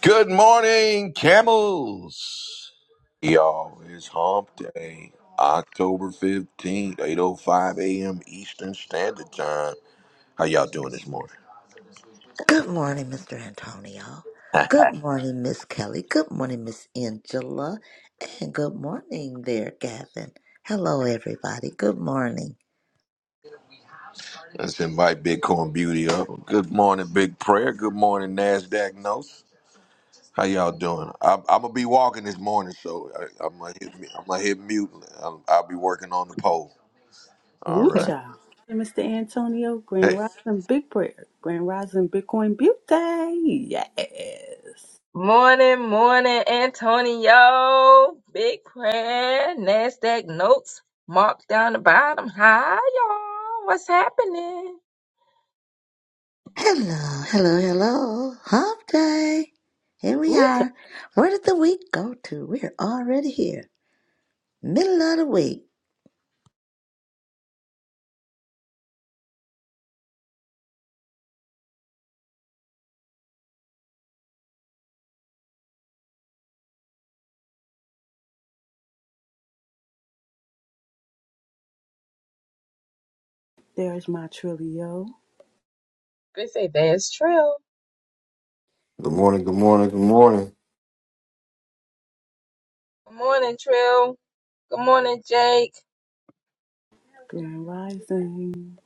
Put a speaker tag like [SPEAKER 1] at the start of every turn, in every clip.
[SPEAKER 1] Good morning, camels. Y'all, it's hump day, October 15th, 8.05 a.m. Eastern Standard Time. How y'all doing this morning?
[SPEAKER 2] Good morning, Mr. Antonio. Good morning, Miss Kelly. Good morning, Miss Angela. And good morning there, Gavin. Hello, everybody. Good morning.
[SPEAKER 1] Let's invite Bitcoin Beauty up. Good morning, Big Prayer. Good morning, NASDAQ Notes. How y'all doing? I'm, I'm going to be walking this morning, so I, I'm going to hit mu- I'm gonna hit mute. I'll, I'll be working on the poll. All
[SPEAKER 3] Ooh,
[SPEAKER 1] right.
[SPEAKER 3] child. And Mr. Antonio, Grand
[SPEAKER 1] Hey,
[SPEAKER 3] Rising Big Prayer, Grand Rising Bitcoin Beauty. Yes.
[SPEAKER 4] Morning, morning, Antonio. Big prayer, NASDAQ notes, marked down the bottom. Hi, y'all. What's happening?
[SPEAKER 2] Hello, hello, hello. Hump day. Here we
[SPEAKER 3] Ooh, child.
[SPEAKER 2] are. Where did the week go to? We're already here. Middle of the week.
[SPEAKER 3] There's my Trillio,
[SPEAKER 4] They say there's Trill.
[SPEAKER 5] Good morning, good morning, good morning.
[SPEAKER 4] Good morning, Trill. Good morning, Jake.
[SPEAKER 3] Grand Rising,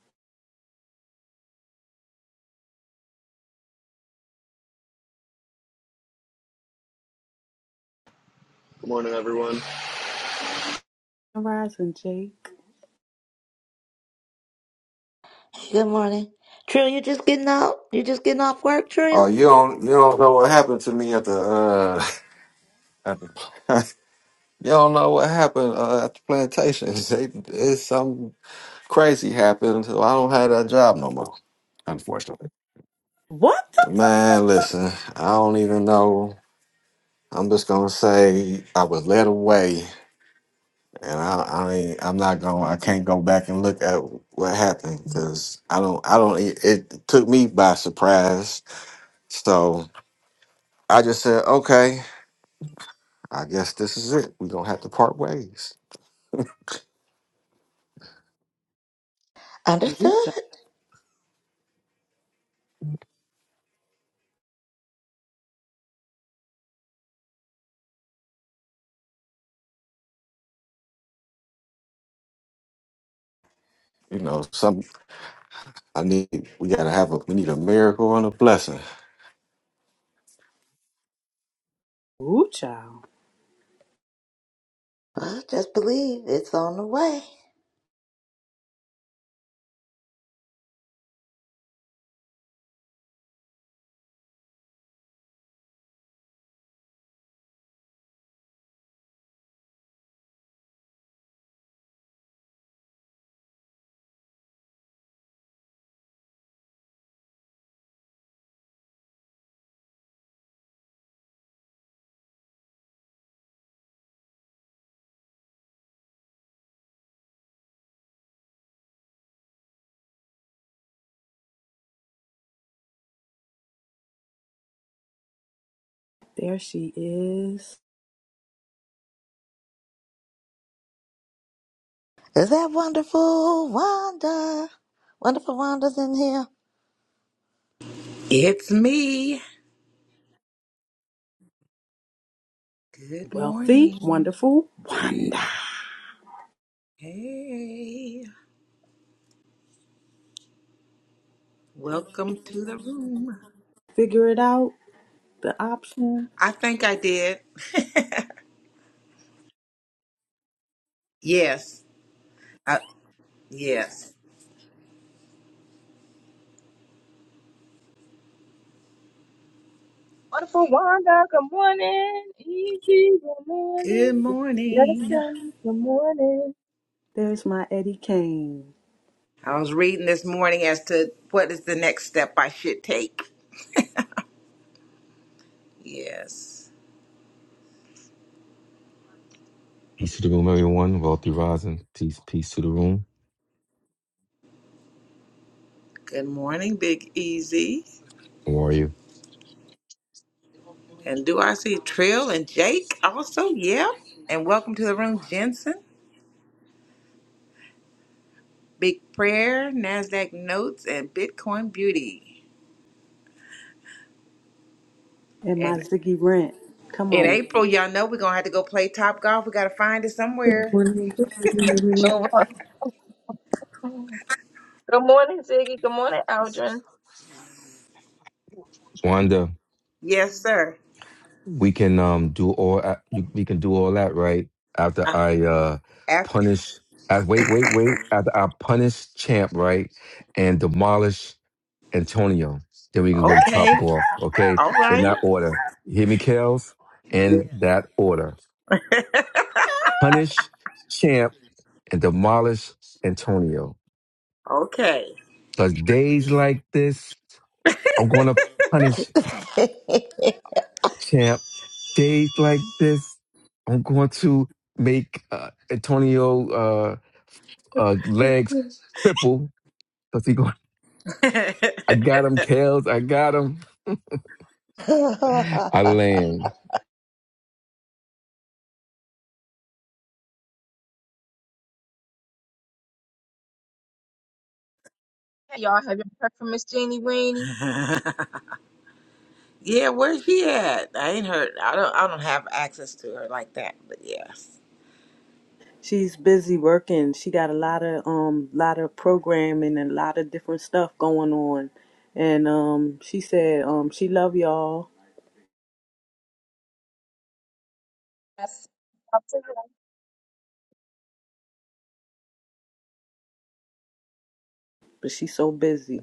[SPEAKER 6] Good morning, everyone.
[SPEAKER 3] Grand Rising Jake.
[SPEAKER 2] Good morning. Trill, you just getting out? You just getting off work,
[SPEAKER 5] Oh,
[SPEAKER 2] Trill?
[SPEAKER 5] you don't you don't know what happened to me at the uh at the you don't know what happened uh, at the plantation. They, it's something crazy happened, so I don't have that job no more, unfortunately.
[SPEAKER 3] What?
[SPEAKER 5] Man, listen, I don't even know. I'm just gonna say I was led away, and I, I ain't, I'm not going. to I can't go back and look at what happened because I don't. I don't. It, it took me by surprise. So I just said, okay. I guess this is it. We're gonna have to part ways.
[SPEAKER 3] Ooh,
[SPEAKER 2] Understood.
[SPEAKER 3] child.
[SPEAKER 5] You know, some I need we gotta have a we need a miracle and a blessing.
[SPEAKER 3] Ooh, child.
[SPEAKER 2] Well, just believe it's on the way.
[SPEAKER 3] There she is.
[SPEAKER 2] Is that wonderful Wanda? Wonderful Wanda's in here.
[SPEAKER 7] It's me. Good
[SPEAKER 3] Wealthy,
[SPEAKER 7] morning.
[SPEAKER 3] wonderful, wonder.
[SPEAKER 7] Hey, welcome to the room.
[SPEAKER 3] Figure it out. The option.
[SPEAKER 7] I think I did. Yes. I, yes.
[SPEAKER 4] Wonderful Wanda. Good morning. Easy. Good
[SPEAKER 7] Good
[SPEAKER 4] morning.
[SPEAKER 7] morning.
[SPEAKER 4] Justin. Good morning.
[SPEAKER 3] There's my Eddie Kane
[SPEAKER 7] I was reading this morning as to what is the next step I should take. Yes.
[SPEAKER 8] Peace to the room, everyone. Wealthy rising. Peace, peace to the room.
[SPEAKER 7] Good morning, Big Easy.
[SPEAKER 8] How are you,
[SPEAKER 7] And do I see Trill and Jake also? Yeah. And welcome to the room, Jensen. Big Prayer, NASDAQ Notes, and Bitcoin Beauty.
[SPEAKER 3] and my
[SPEAKER 7] And
[SPEAKER 3] Ziggy Rent. Come
[SPEAKER 7] In
[SPEAKER 3] on.
[SPEAKER 7] April, y'all know we're gonna have to go play top golf. We gotta find it
[SPEAKER 9] Good
[SPEAKER 7] somewhere.
[SPEAKER 9] morning, good evening, everyone.
[SPEAKER 4] Sure. Good morning, Ziggy. Good morning, Aldrin.
[SPEAKER 8] Wanda?
[SPEAKER 7] Yes, sir.
[SPEAKER 8] We can um do all a- you- we can do all that right after
[SPEAKER 7] Uh,
[SPEAKER 8] I uh
[SPEAKER 7] after.
[SPEAKER 8] punish. Uh, wait, wait, wait. After I punish Champ, right, and demolish Antonio, then we can go to Top
[SPEAKER 7] Okay.
[SPEAKER 8] Golf. Okay,
[SPEAKER 7] All
[SPEAKER 8] in
[SPEAKER 7] right.
[SPEAKER 8] that order. You hear me, Kels?
[SPEAKER 7] Yeah.
[SPEAKER 8] In that order. Punish Champ and demolish Antonio.
[SPEAKER 7] Okay.
[SPEAKER 8] Cause days like this, I'm gonna punish. champ. Days like this, I'm going to make uh, Antonio uh, uh, legs cripple because he going. I got him, Kels. I got him. I land.
[SPEAKER 4] Hey, y'all. Have your prayer for Miss Jeannie Weenie.
[SPEAKER 7] yeah. Where's she at? I ain't heard. I don't. I don't have access to her like that. But yes.
[SPEAKER 3] She's busy working. She got a lot of um lot of programming and a lot of different stuff going on. And um she said um she love y'all,
[SPEAKER 4] Yes.
[SPEAKER 3] but she's so busy.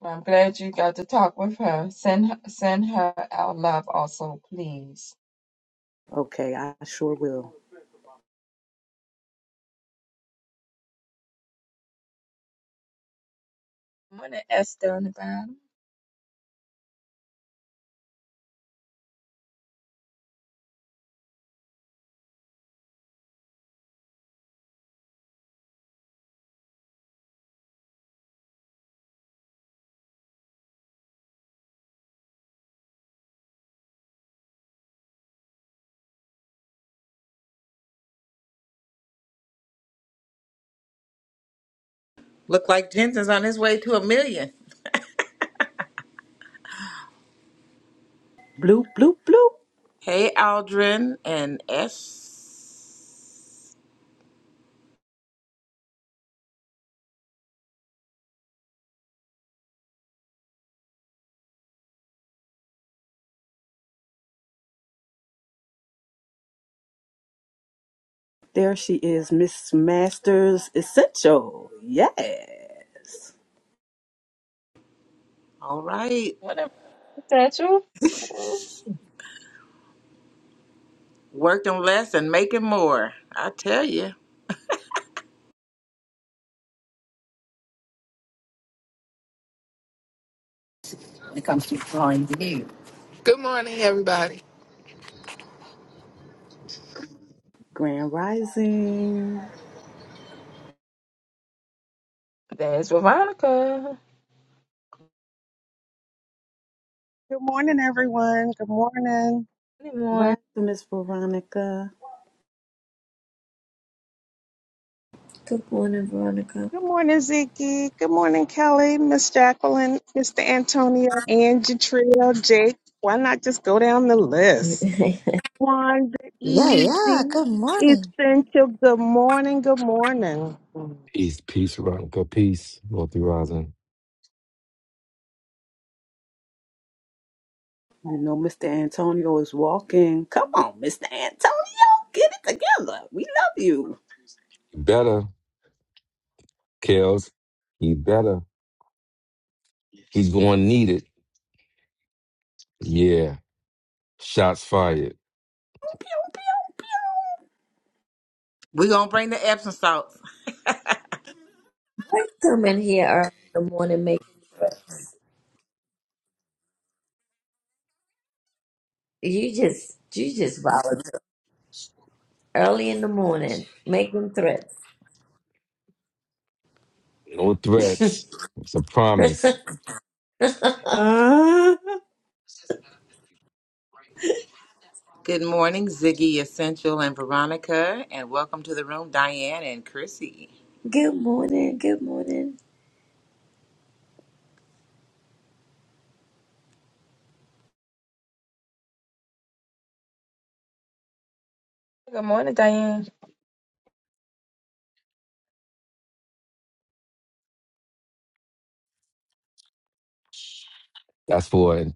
[SPEAKER 4] Well, I'm glad you got to talk with her. Send her, send her our love also, please.
[SPEAKER 3] Okay, I sure will.
[SPEAKER 4] Morning, Esther on the bottom.
[SPEAKER 7] Look like Jensen's on his way to a million.
[SPEAKER 3] Bloop bloop bloop.
[SPEAKER 7] Hey, Aldrin and S.
[SPEAKER 3] There she is, Miss Masters Essential. Yes.
[SPEAKER 7] All right.
[SPEAKER 4] Morning, Satchel.
[SPEAKER 7] Working less and making more. I tell you.
[SPEAKER 10] when it comes to drawing the deer. Good morning, everybody.
[SPEAKER 3] Grand Rising.
[SPEAKER 4] There's Veronica.
[SPEAKER 11] Good morning, everyone. Good morning.
[SPEAKER 4] Good morning.
[SPEAKER 3] Rising, Miss Veronica.
[SPEAKER 9] Good morning, Veronica.
[SPEAKER 11] Good morning, Ziki. Good morning, Kelly, Miss Jacqueline, Mr. Antonio, Angie Trio, Jake. Why not just go down the list?
[SPEAKER 9] I
[SPEAKER 11] Wanda,
[SPEAKER 2] yeah, yeah.
[SPEAKER 11] Easy,
[SPEAKER 2] Good morning.
[SPEAKER 11] Essential. Good morning. Good morning.
[SPEAKER 8] Peace, peace, Veronica. Peace, Multi Rising.
[SPEAKER 3] You know Mr. Antonio is walking. Come on, Mr. Antonio, get it together. We love you.
[SPEAKER 8] You better, Kels. You better. He's going to need it. Yeah. Shots fired.
[SPEAKER 3] Pew, pew, pew.
[SPEAKER 7] we gonna bring the Epsom salts.
[SPEAKER 9] come in here early in the morning making threats. You just, you just volatile. Early in the morning, making threats.
[SPEAKER 8] No threats. It's a promise.
[SPEAKER 3] Uh,
[SPEAKER 7] Good morning, Ziggy Essential and Veronica, and welcome to the room, Diane and Chrissy.
[SPEAKER 9] good morning, good morning.
[SPEAKER 4] Good morning, Diane.
[SPEAKER 8] That's for An-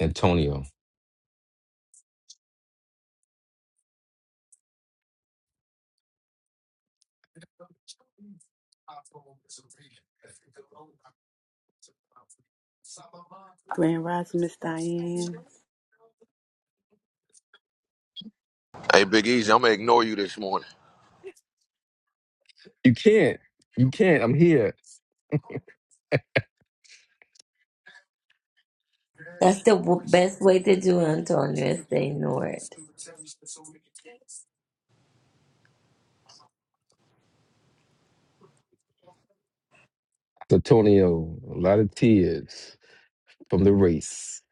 [SPEAKER 8] Antonio.
[SPEAKER 3] Grand Rising, Miss Diane.
[SPEAKER 1] hey, Big Easy, I'm going to ignore you this morning.
[SPEAKER 8] You can't. You can't. I'm here.
[SPEAKER 9] That's the w- best way to do it, Antonio, is to ignore it.
[SPEAKER 8] Antonio, a lot of tears from the race.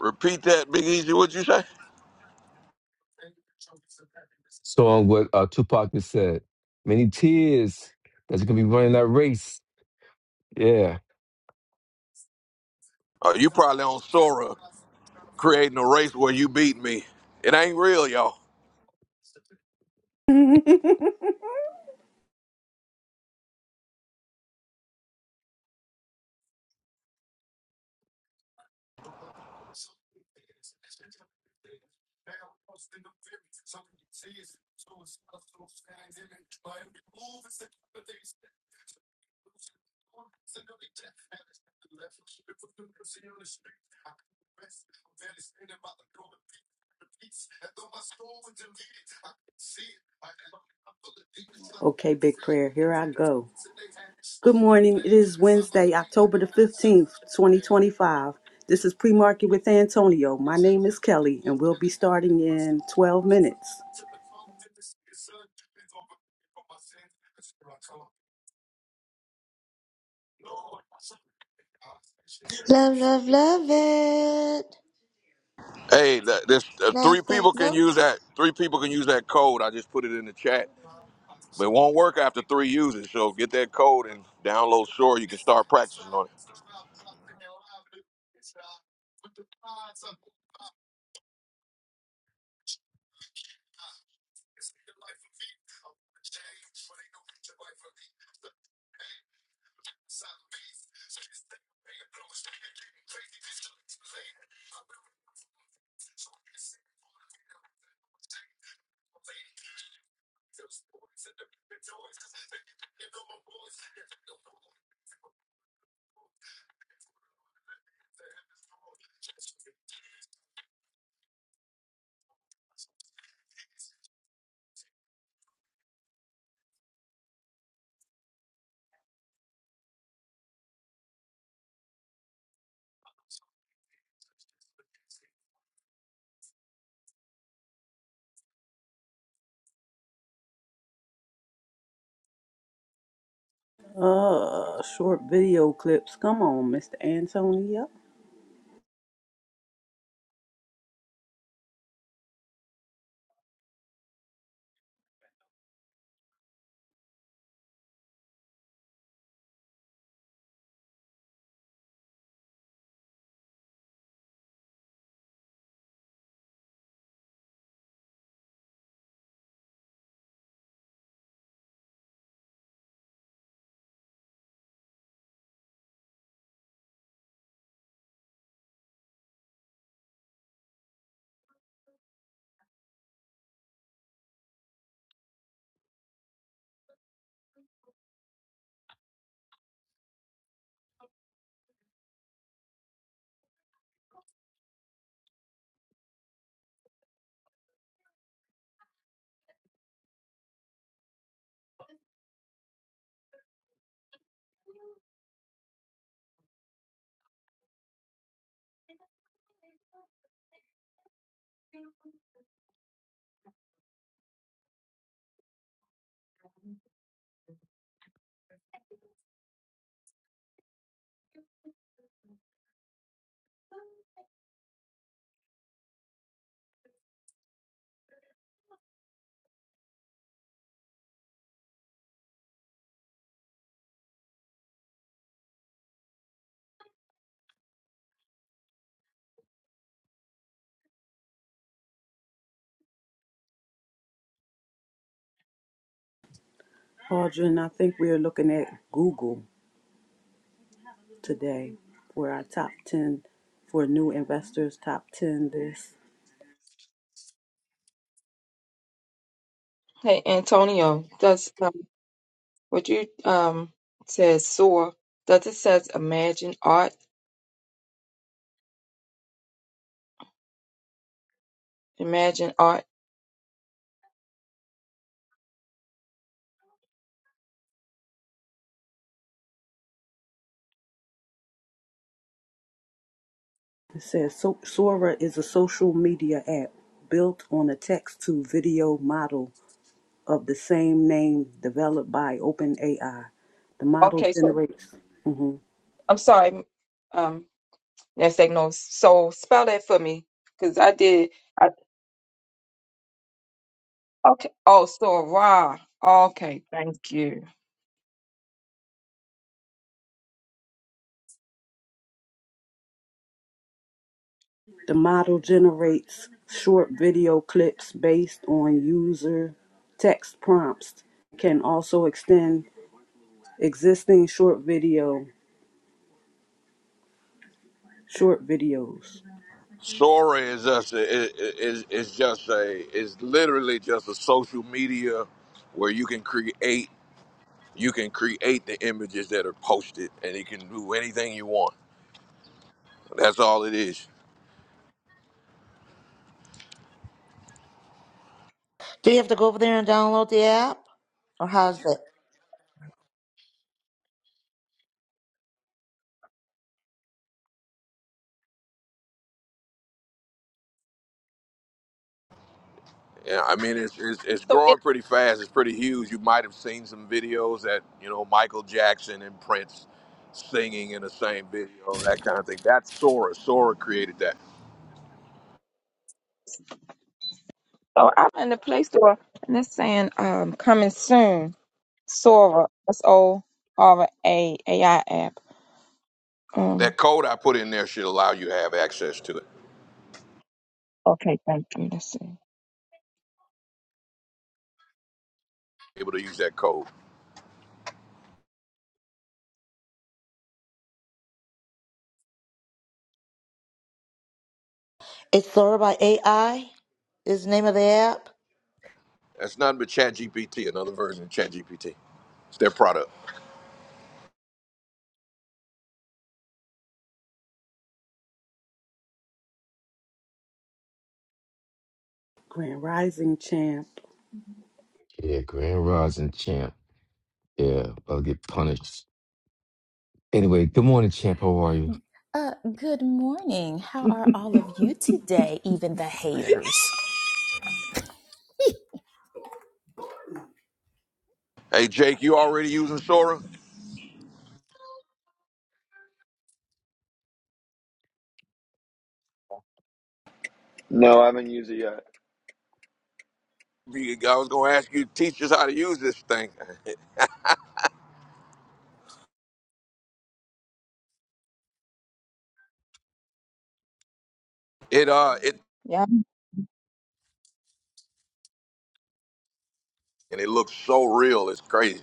[SPEAKER 1] Repeat that, Big Easy. What'd you say?
[SPEAKER 8] Song what uh, Tupac has said. Many tears that's gonna be running that race. Yeah.
[SPEAKER 1] Oh, you probably on Sora creating a race where you beat me. It ain't real, y'all.
[SPEAKER 3] okay, big prayer. Here I go. Good morning. It is Wednesday, October the 15th, 2025. This is pre market with Antonio. My name is Kelly, and we'll be starting in 12 minutes.
[SPEAKER 2] Love, love, love it.
[SPEAKER 1] Hey, th- this uh, three
[SPEAKER 2] Nasdaq
[SPEAKER 1] people can
[SPEAKER 2] notes.
[SPEAKER 1] use that. Three people can use that code. I just put it in the chat, but it won't work after three uses. So get that code and download Sora. You can start practicing on it.
[SPEAKER 3] Uh, short video clips. Come on, Mr. Antonio. Audrey, I think we are looking at Google today for our top 10 for new investors, top 10 this.
[SPEAKER 4] Hey, Antonio. Does um, what you um says soar? Does it says imagine art? Imagine art.
[SPEAKER 3] It says so- Sora is a social media app built on a text to video model of the same name developed by OpenAI. The model
[SPEAKER 4] Okay, so
[SPEAKER 3] generates mhm.
[SPEAKER 4] I'm sorry. Um, that's no. So spell that for me, cause I did. Okay. Oh, so a raw. Okay, thank you.
[SPEAKER 3] the model generates short video clips based on user text prompts. Can also extend existing short video short videos.
[SPEAKER 1] Sora is just a, i- i- is is just a is literally just a social media where you can create you can create the images that are posted and you can do anything you want. That's all it is.
[SPEAKER 2] Do you have to go over there and download the app, or how's it?
[SPEAKER 1] Yeah, I mean it's, it's it's
[SPEAKER 4] So it
[SPEAKER 1] growing pretty fast. It's pretty huge. You might have seen some videos that you know Michael Jackson and Prince singing in the same video, that kind of thing. That's Sora. Sora created that.
[SPEAKER 4] so I'm in the Play Store and it's saying um coming soon. Sora. S O R A A I app. Um.
[SPEAKER 1] That code I put in there should allow you to have access to it.
[SPEAKER 4] Okay, thank you. Let's see.
[SPEAKER 1] Able to use that code.
[SPEAKER 2] It's Sora by AI. Is the name of the app.
[SPEAKER 1] That's nothing but ChatGPT, another version of ChatGPT. It's their product.
[SPEAKER 3] Grand Rising Champ,
[SPEAKER 8] Yeah, Grand Rising champ. Yeah, I'll get punished. Anyway, good morning, champ. How are you?
[SPEAKER 12] Uh, good morning. How are all of you today, even the haters?
[SPEAKER 1] Hey Jake, you already using Sora?
[SPEAKER 6] No, I haven't used it yet.
[SPEAKER 1] You- I was gonna ask you, teach us how to use this thing. It uh, it
[SPEAKER 4] Yeah.
[SPEAKER 1] and it looks so real. It's crazy.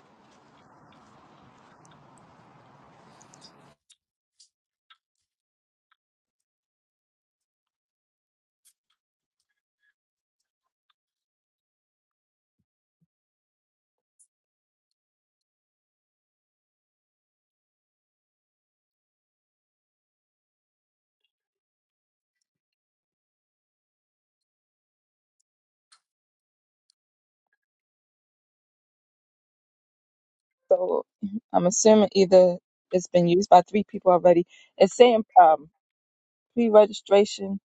[SPEAKER 4] So I'm assuming either it's been used by three people already. It's saying um pre-registration,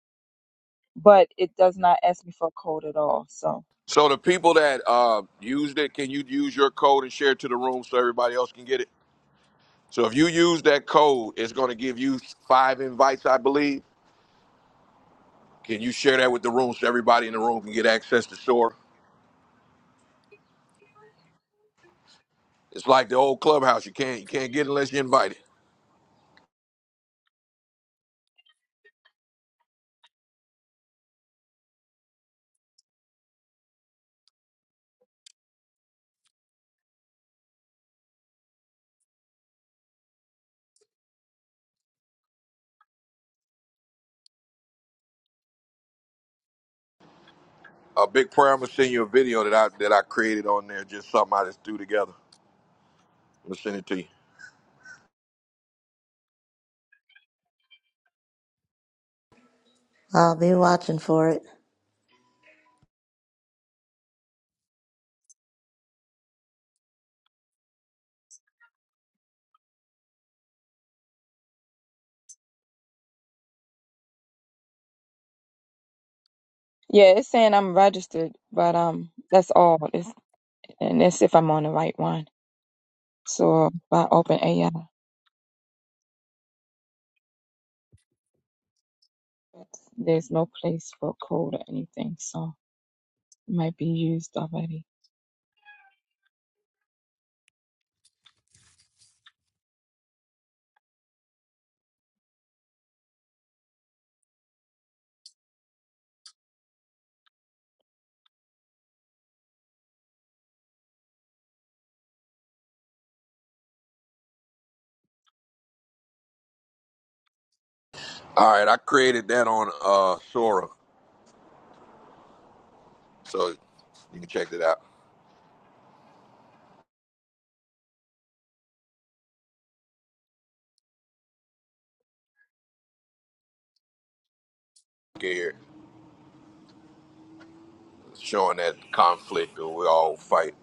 [SPEAKER 4] but it does not ask me for a code at all. So
[SPEAKER 1] So the people that uh, used it, can you use your code and share it to the room so everybody else can get it? So if you use that code, it's going to give you five invites, I believe. Can you share that with the room so everybody in the room can get access to Sora? It's like the old clubhouse. You can't you can't get it unless you're invited. A big prayer. I'm gonna send you a video that I that I created on there. Just something I just threw together. I'm gonna send it to you.
[SPEAKER 2] I'll be watching for it.
[SPEAKER 4] yeah, it's saying I'm registered, but um that's all. It's, and it's if I'm on the right one. So by OpenAI, there's no place for code or anything, so it might be used already.
[SPEAKER 1] All right, I created that on uh, Sora, so you can check it out. Here, showing that conflict that we all fight.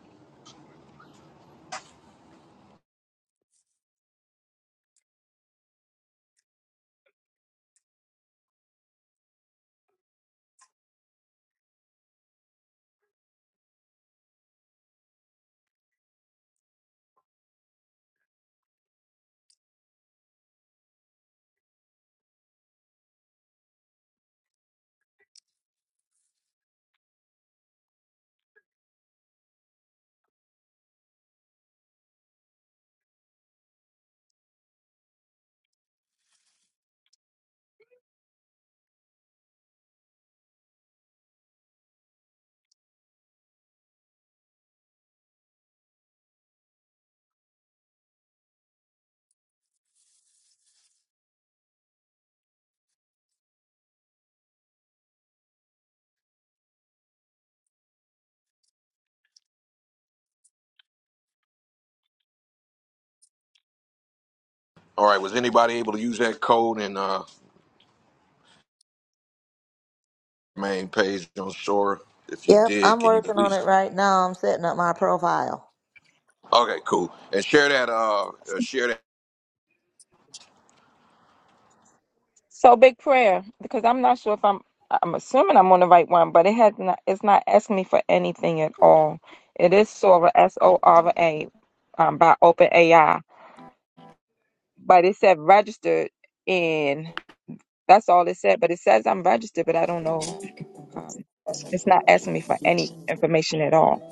[SPEAKER 1] All right, was anybody able to use that code in uh main page on Sora? If you
[SPEAKER 2] Yep,
[SPEAKER 1] did,
[SPEAKER 2] I'm
[SPEAKER 1] can you
[SPEAKER 2] working on
[SPEAKER 1] please?
[SPEAKER 2] it right now. I'm setting up my profile.
[SPEAKER 1] Okay, cool. And share that. Uh, uh, share that.
[SPEAKER 4] So big prayer, because I'm not sure if I'm. I'm assuming I'm on the right one, but it has not. It's not asking me for anything at all. It is Sora S O R A, um, by OpenAI, but it said registered, and that's all it said. But it says I'm registered, but I don't know. Um, it's not asking me for any information at all.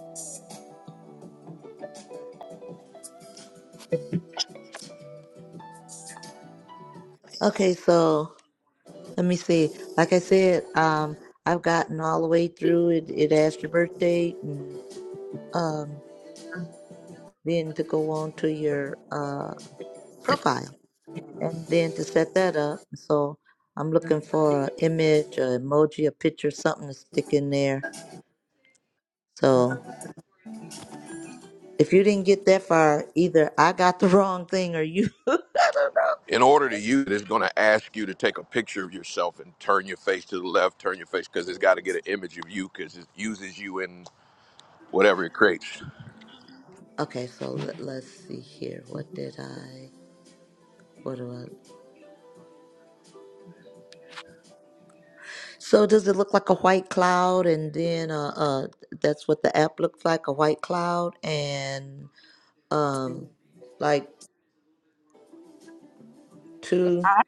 [SPEAKER 2] Okay, so Let me see. Like I said, um, I've gotten all the way through it. It asked your birth date and um, then to go on to your uh, profile and then to set that up. So I'm looking for an image, an emoji, a picture, something to stick in there. So if you didn't get that far, either I got the wrong thing or you. I don't know.
[SPEAKER 1] In order to use it, it's going to ask you to take a picture of yourself and turn your face to the left, turn your face because it's got to get an image of you because it uses you in whatever it creates.
[SPEAKER 2] Okay, so let, let's see here. What did I? What do I? So does it look like a white cloud and then uh, uh that's what the app looks like, a white cloud and um like
[SPEAKER 4] With
[SPEAKER 2] two
[SPEAKER 4] I,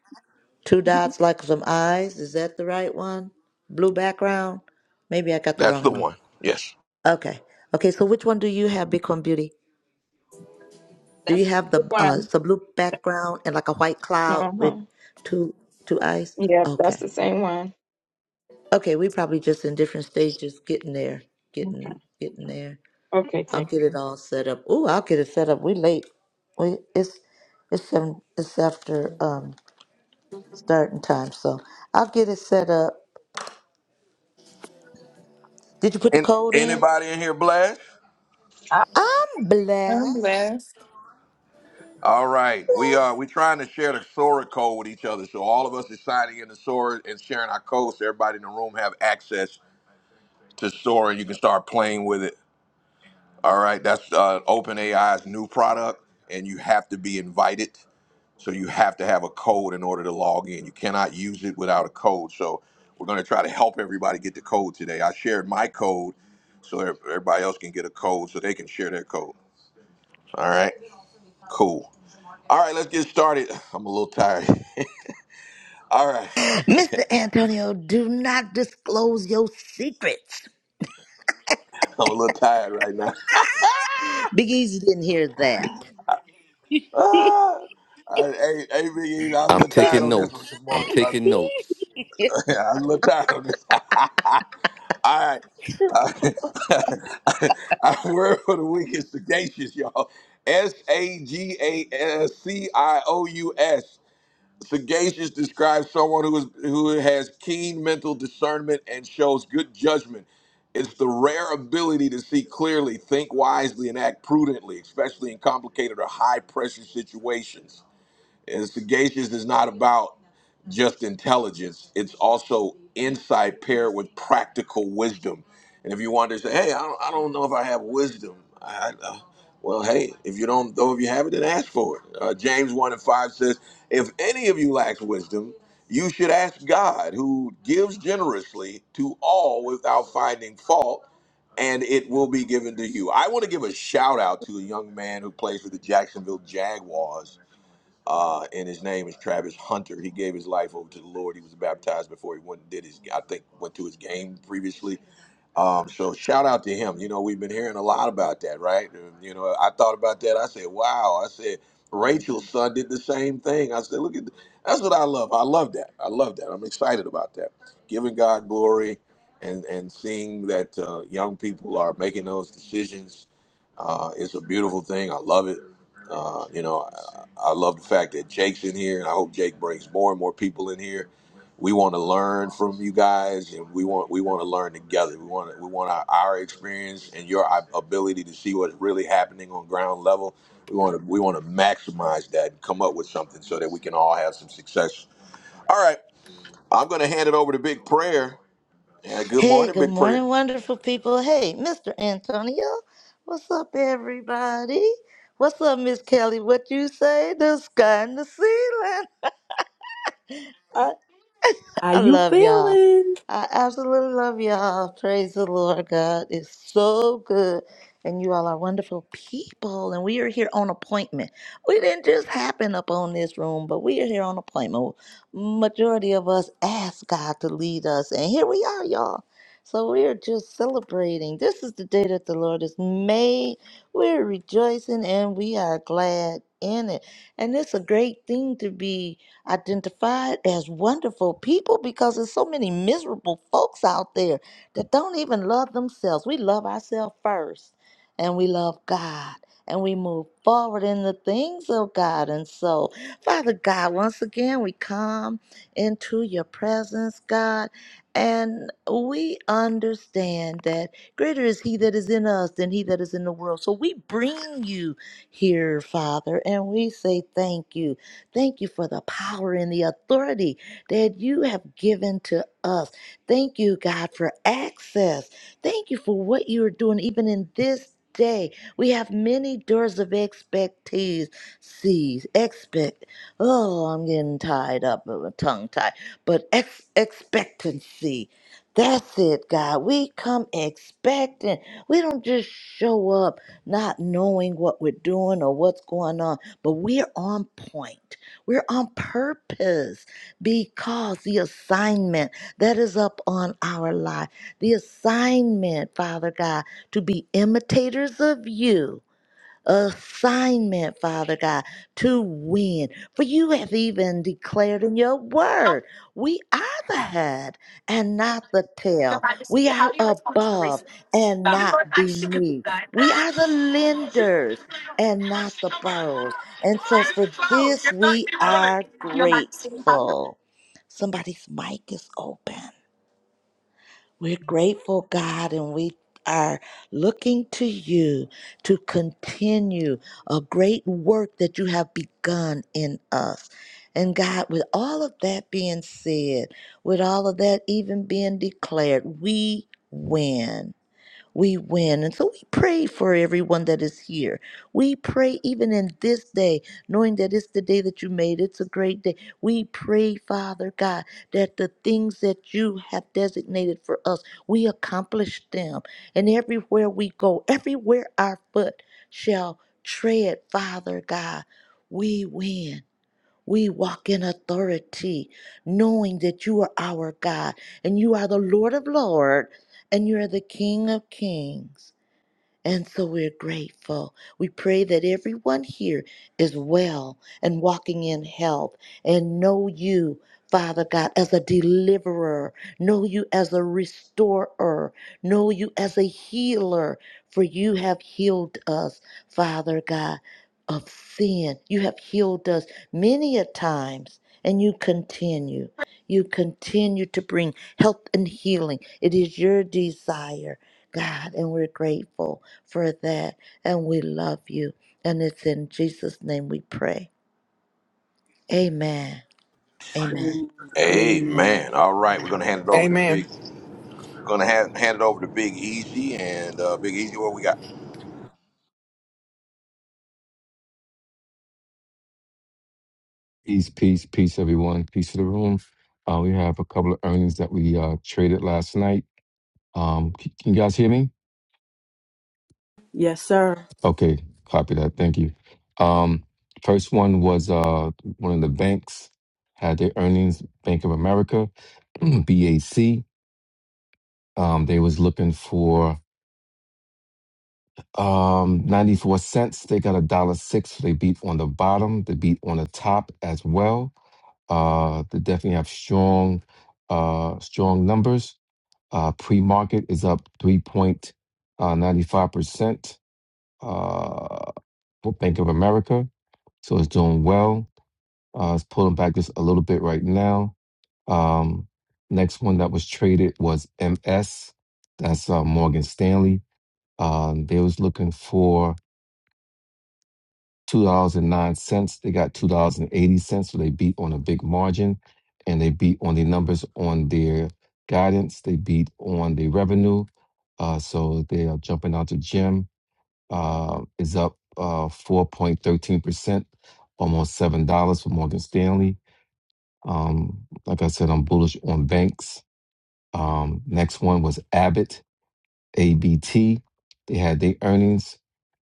[SPEAKER 2] two dots like some eyes. Is that the right one? Blue background? Maybe I got the
[SPEAKER 1] That's the
[SPEAKER 2] wrong one.
[SPEAKER 1] one. Yes.
[SPEAKER 2] Okay. Okay, so which one do you have, Bitcoin Beauty? Do
[SPEAKER 4] that's
[SPEAKER 2] you have
[SPEAKER 4] the
[SPEAKER 2] the uh
[SPEAKER 4] one.
[SPEAKER 2] it's a blue background and like a white cloud with
[SPEAKER 4] Uh-huh.
[SPEAKER 2] two two eyes?
[SPEAKER 4] Yeah, that's
[SPEAKER 2] Okay.
[SPEAKER 4] the same one.
[SPEAKER 2] Okay, we probably just in different stages getting there.
[SPEAKER 4] Okay.
[SPEAKER 2] Getting getting there.
[SPEAKER 4] Okay.
[SPEAKER 2] I'll
[SPEAKER 4] Thank
[SPEAKER 2] get it all set up. Ooh, I'll get it set up. We late. We it's it's seven. It's after um starting time, so I'll get it set up. Did you put the
[SPEAKER 1] And
[SPEAKER 2] code in?
[SPEAKER 1] anybody in here blessed?
[SPEAKER 4] you.
[SPEAKER 2] I'm
[SPEAKER 10] I'm
[SPEAKER 2] blessed.
[SPEAKER 10] blessed.
[SPEAKER 1] All right, we are we
[SPEAKER 2] Blessed.
[SPEAKER 1] trying to share the Sora code with each other, so all of us is signing in the Sora and sharing our code, so everybody in the room have access to store and you can start playing with it. All right, that's uh, OpenAI's new product, and you have to be invited. So you have to have a code in order to log in. You cannot use it without a code. So we're going to try to help everybody get the code today. I shared my code so ev- everybody else can get a code so they can share their code. All right, cool. All right, let's get started. I'm a little tired. All right,
[SPEAKER 2] Mr. Antonio, do not disclose your secrets.
[SPEAKER 1] I'm a little tired right now.
[SPEAKER 2] Big Easy didn't hear that.
[SPEAKER 1] Ah, I, hey, hey, Big E, I was a
[SPEAKER 8] I'm
[SPEAKER 1] little tired
[SPEAKER 8] taking
[SPEAKER 1] on this one
[SPEAKER 8] notes.
[SPEAKER 1] this
[SPEAKER 8] I'm
[SPEAKER 1] morning, brother.
[SPEAKER 8] taking notes.
[SPEAKER 1] I'm a little tired of this. All right. Uh, Our word for the week is sagacious, y'all. S A G A S C I O U S. Sagacious describes someone who is who has keen mental discernment and shows good judgment. It's the rare ability to see clearly, think wisely, and act prudently, especially in complicated or high pressure situations. And sagacious is not about just intelligence, it's also insight paired with practical wisdom. And if you want to say, hey, I don't, I don't know if I have wisdom, I, I, uh, well, hey, if you don't know if you have it, then ask for it. Uh, James 1 and 5 says, if any of you lacks wisdom, you should ask God, who gives generously to all without finding fault, and it will be given to you. I want to give a shout out to a young man who plays for the Jacksonville Jaguars uh, and his name is Travis Hunter. He gave his life over to the Lord. He was baptized before he went and did his, I think, went to his game previously. Um, so shout out to him. You know, we've been hearing a lot about that, right? Um, You know, I thought about that. I said, wow. I said, Rachel's son did the same thing. I said, look at, th- that's what I love. I love that. I love that. I'm excited about that. Giving God glory and and seeing that uh, young people are making those decisions uh, it's a beautiful thing. I love it. Uh, you know, I, I love the fact that Jake's in here, and I hope Jake brings more and more people in here. We want to learn from you guys, and we want we want to learn together. We want we want our, our experience and your ab- ability to see what's really happening on ground level. We want to we want to maximize that and come up with something so that we can all have some success. All right, I'm going to hand it over to Big Prayer. Yeah, good
[SPEAKER 2] hey,
[SPEAKER 1] morning,
[SPEAKER 2] good
[SPEAKER 1] Big Prayer.
[SPEAKER 2] morning, wonderful people. Hey, Mr. Antonio. What's up, everybody? What's up, Miss Kelly? What you say? The sky and the ceiling. I,
[SPEAKER 3] how
[SPEAKER 2] I
[SPEAKER 3] you
[SPEAKER 2] love y'all.
[SPEAKER 3] feeling?
[SPEAKER 2] I absolutely love y'all. Praise the Lord. God is so good. And you all are wonderful people. And we are here on appointment. We didn't just happen up on this room, but we are here on appointment. Majority of us asked God to lead us. And here we are, y'all. So we are just celebrating. This is the day that the Lord has made. We're rejoicing and we are glad in it. And it's a great thing to be identified as wonderful people because there's so many miserable folks out there that don't even love themselves. We love ourselves first, and we love God, and we move forward in the things of God. And so, Father God, once again, we come into your presence, God, and we understand that greater is He that is in us than He that is in the world. So we bring you here, Father, and we say thank you. Thank you for the power and the authority that you have given to us. Thank you, God, for access. Thank you for what you are doing, even in this day. We have many doors of expectees, sees, expect. Oh, I'm getting tied up, uh, tongue tied, but ex- expectancy. That's it, God. We come expecting. We don't just show up not knowing what we're doing or what's going on, but we're on point. We're on purpose because the assignment that is up on our life, the assignment, Father God, to be imitators of you assignment, Father God, to win. For you have even declared in your word, we are the head and not the tail. We are above and not beneath. We are the lenders and not the borrowers. And so for this, we are grateful. Somebody's mic is open. We're grateful, God, and we are looking to you to continue a great work that you have begun in us. And God, with all of that being said, with all of that even being declared, we win we win. And so we pray for everyone that is here. We pray even in this day, knowing that it's the day that you made. It's a great day. We pray, Father God, that the things that you have designated for us, we accomplish them. And everywhere we go, everywhere our foot shall tread, Father God, we win. We walk in authority, knowing that you are our God and you are the Lord of Lords and you are the King of Kings. And so we're grateful. We pray that everyone here is well and walking in health and know you, Father God, as a deliverer, know you as a restorer, know you as a healer, for you have healed us, Father God, of sin. You have healed us many a times, and you continue. You continue to bring health and healing. It is your desire, God, and we're grateful for that. And we love you. And it's in Jesus' name we pray. Amen. Amen.
[SPEAKER 1] Hey
[SPEAKER 3] Amen.
[SPEAKER 1] man, all right, we're gonna hand it over to
[SPEAKER 13] Amen.
[SPEAKER 1] Big Gonna hand, hand it over to Big Easy and uh, Big Easy. What we got?
[SPEAKER 8] Peace, peace, peace, everyone. Peace to the room. Uh, we have a couple of earnings that we uh, traded last night. Um, c- can you guys hear me?
[SPEAKER 3] Yes, sir.
[SPEAKER 8] Okay, copy that. Thank you. Um, first one was uh one of the banks had their earnings, Bank of America, BAC. Um, they was looking for um 94 cents. They got a dollar six. They beat on the bottom, they beat on the top as well. Uh they definitely have strong uh strong numbers. Uh pre-market is up 3.95%. Uh for Bank of America. So it's doing well. Uh, it's pulling back just a little bit right now. Um, next one that was traded was MS. That's uh, Morgan Stanley. Um, they was looking for two dollars and nine cents. They got two dollars and eighty cents, so they beat on a big margin, and they beat on the numbers on their guidance. They beat on the revenue, uh, so they are jumping out to gym. Uh, is up uh, four point thirteen percent, almost seven dollars for Morgan Stanley. Um, like I said, I'm bullish on banks. Um, next one was Abbott, ABT. They had their earnings.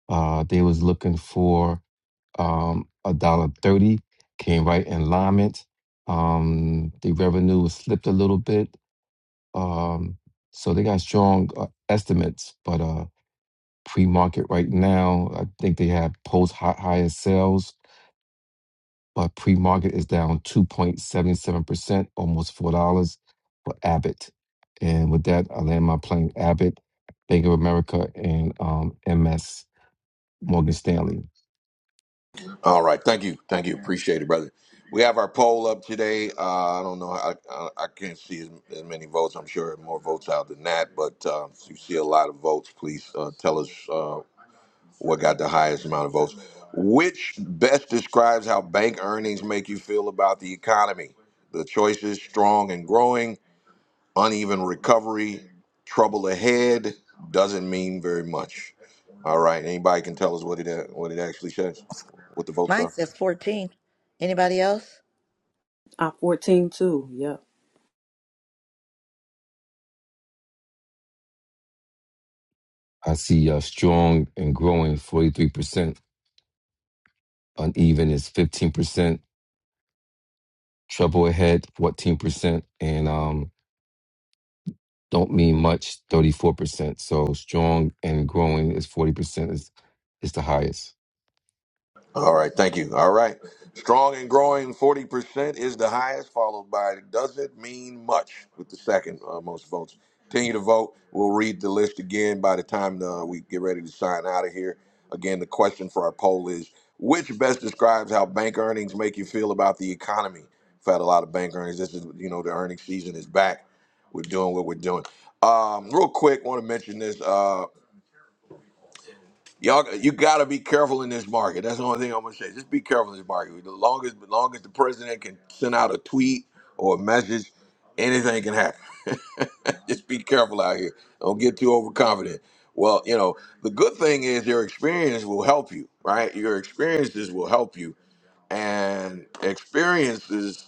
[SPEAKER 8] Uh, they was looking for um a dollar thirty. Came right in alignment. Um, the revenue was slipped a little bit. Um, so they got strong uh, estimates, but uh, pre-market right now, I think they have post high highest sales but pre-market is down 2.77%, almost $4 for Abbott. And with that, I land my plane Abbott, Bank of America, and um, MS Morgan Stanley.
[SPEAKER 1] All right, thank you, thank you, appreciate it, brother. We have our poll up today. Uh, I don't know, I, I, I can't see as, as many votes. I'm sure more votes out than that, but uh, if you see a lot of votes, please uh, tell us uh, what got the highest amount of votes. Which best describes how bank earnings make you feel about the economy? The choice is strong and growing. uneven recovery, trouble ahead doesn't mean very much. All right, anybody can tell us what it what it actually says, what the votes
[SPEAKER 2] Mine
[SPEAKER 1] are.
[SPEAKER 2] says 14. Anybody else?
[SPEAKER 3] I 14 too. Yep.
[SPEAKER 8] I see uh, strong and growing 43%, uneven is 15%, trouble ahead 14%, and um, don't mean much 34%. So strong and growing is 40% is, is the highest.
[SPEAKER 1] All right, thank you. All right. Strong and growing 40% is the highest, followed by doesn't mean much with the second uh, most votes. Continue to vote. We'll read the list again by the time uh, we get ready to sign out of here. Again, the question for our poll is which best describes how bank earnings make you feel about the economy? We've had a lot of bank earnings. This is, you know, the earnings season is back. We're doing what we're doing. Um, real quick, want to mention this. Uh, Y'all, you gotta be careful in this market. That's the only thing I'm gonna say. Just be careful in this market. The longest, the longest the president can send out a tweet or a message, anything can happen. Just be careful out here. Don't get too overconfident. Well, you know, the good thing is your experience will help you, right? Your experiences will help you, and experiences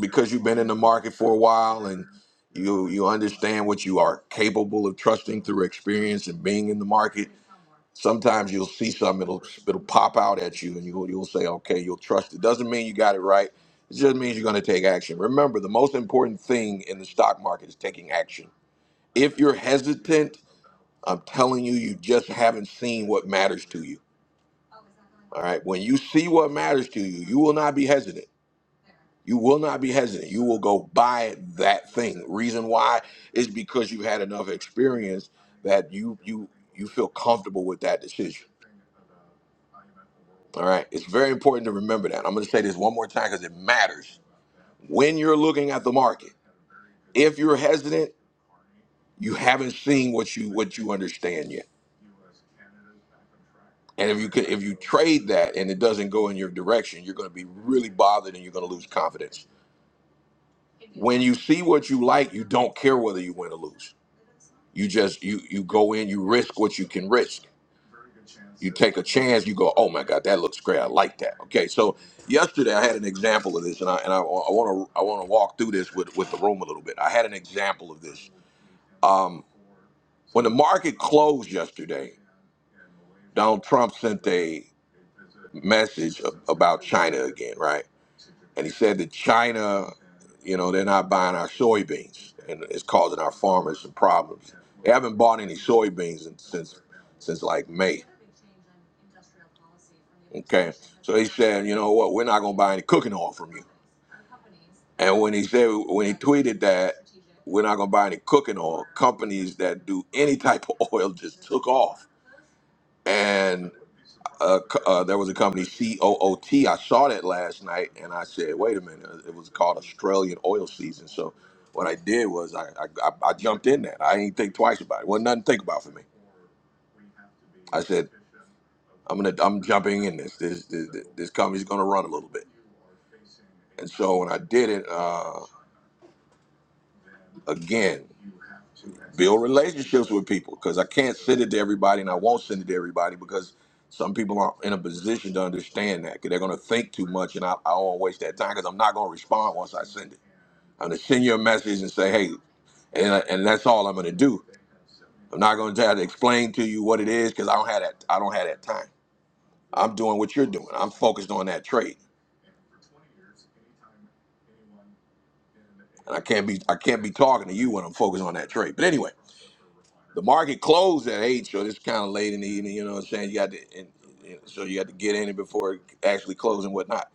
[SPEAKER 1] because you've been in the market for a while and you you understand what you are capable of trusting through experience and being in the market sometimes you'll see something it'll it'll pop out at you and you, you'll say okay you'll trust it doesn't mean you got it right it just means you're going to take action remember the most important thing in the stock market is taking action if you're hesitant i'm telling you you just haven't seen what matters to you all right when you see what matters to you you will not be hesitant you will not be hesitant you will go buy that thing reason why is because you've had enough experience that you you you feel comfortable with that decision All right. It's very important to remember that. I'm going to say this one more time because it matters. When you're looking at the market, if you're hesitant, you haven't seen what you what you understand yet. And if you could, if you trade that and it doesn't go in your direction, you're going to be really bothered and you're going to lose confidence. When you see what you like, you don't care whether you win or lose. You just you you go in, you risk what you can risk. You take a chance. You go, oh my God, that looks great. I like that. Okay, so yesterday I had an example of this, and I and I want to I want to walk through this with with the room a little bit. I had an example of this. Um, when the market closed yesterday, Donald Trump sent a message a- about China again, right? and he said that China, you know, they're not buying our soybeans, and it's causing our farmers some problems. They haven't bought any soybeans in, since since like May. Okay, so he said, you know what, we're not gonna buy any cooking oil from you. And when he said, when he tweeted that, we're not gonna buy any cooking oil, companies that do any type of oil just took off. and uh, co- uh, there was a company COOT. I saw that last night, and I said, "Wait a minute!" uh, It was called Australian Oil Season. So, what I did was I I, I I jumped in that. I didn't think twice about it. Wasn't nothing to think about for me. I said, "I'm gonna I'm jumping in this. This this, this company's gonna run a little bit." And so when I did it, uh, Again, build relationships with people because I can't send it to everybody and I won't send it to everybody because some people aren't in a position to understand that because they're going to think too much and I, I won't waste that time because I'm not going to respond once I send it. I'm going to send you a message and say, hey, and, I- and that's all I'm going to do. I'm not going to try to explain to you what it is because I don't have that. I don't have that time. I'm doing what you're doing. I'm focused on that trade, and I can't be I can't be talking to you when I'm focused on that trade. But anyway, the market closed at eight, so it's kind of late in the evening. You know what I'm saying? You got to, and, and so you got to get in it before it actually closed and whatnot.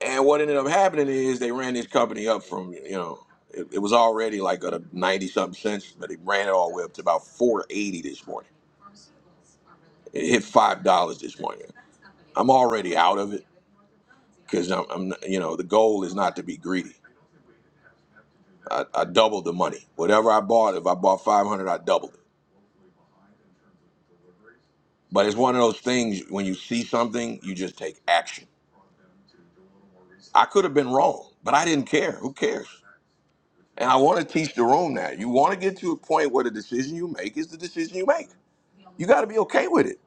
[SPEAKER 1] And what ended up happening is they ran this company up from you know it, it was already like at a ninety something cents, but they ran it all the way up to about four eighty this morning. It hit five dollars this morning. I'm already out of it because I'm, I'm you know the goal is not to be greedy. I, I doubled the money. Whatever I bought, if I bought five hundred, I doubled it. But it's one of those things when you see something, you just take action. I could have been wrong, but I didn't care. Who cares? And I want to teach the room that. You want to get to a point where the decision you make is the decision you make. You got to be okay with it.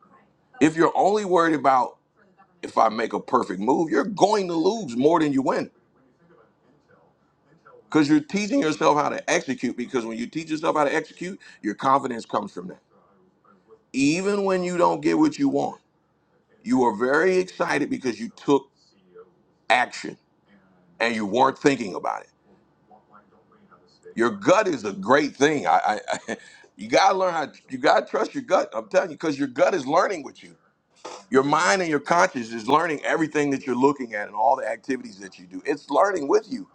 [SPEAKER 1] If you're only worried about if I make a perfect move, you're going to lose more than you win because you're teaching yourself how to execute. Because when you teach yourself how to execute, your confidence comes from that. Even when you don't get what you want, you are very excited because you took action and you weren't thinking about it. Your gut is a great thing. I, I, I you gotta learn how. You gotta trust your gut. I'm telling you, because your gut is learning with you. Your mind and your conscience is learning everything that you're looking at and all the activities that you do. It's learning with you,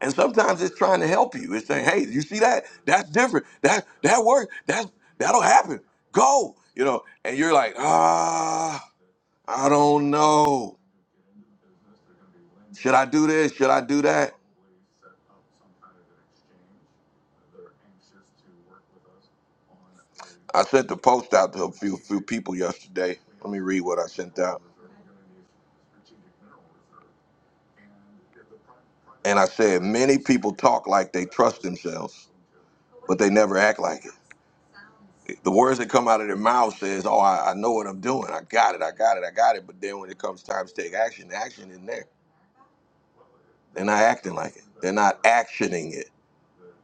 [SPEAKER 1] and sometimes it's trying to help you. It's saying, "Hey, you see that? That's different. That that worked. That that'll happen. Go." You know, and you're like, "Ah, I don't know. Should I do this? Should I do that?" I sent the post out to a few few people yesterday. Let me read what I sent out. And I said, many people talk like they trust themselves, but they never act like it. The words that come out of their mouth says, "Oh, I, I know what I'm doing. I got it. I got it. I got it." But then when it comes time to take action, the action isn't there. They're not acting like it. They're not actioning it.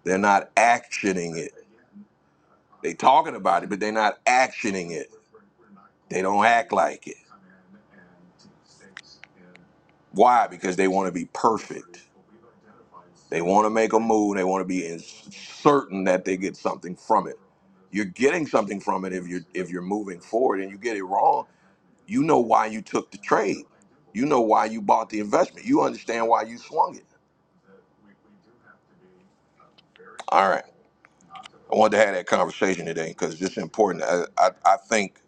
[SPEAKER 1] They're not actioning it. They talking about it, but they're not actioning it. They don't act like it. Why? Because they want to be perfect. They want to make a move. They want to be in certain that they get something from it. You're getting something from it if you're if you're moving forward and you get it wrong. You know why you took the trade. You know why you bought the investment. You understand why you swung it. All right. I wanted to have that conversation today because it's important. I, I, I think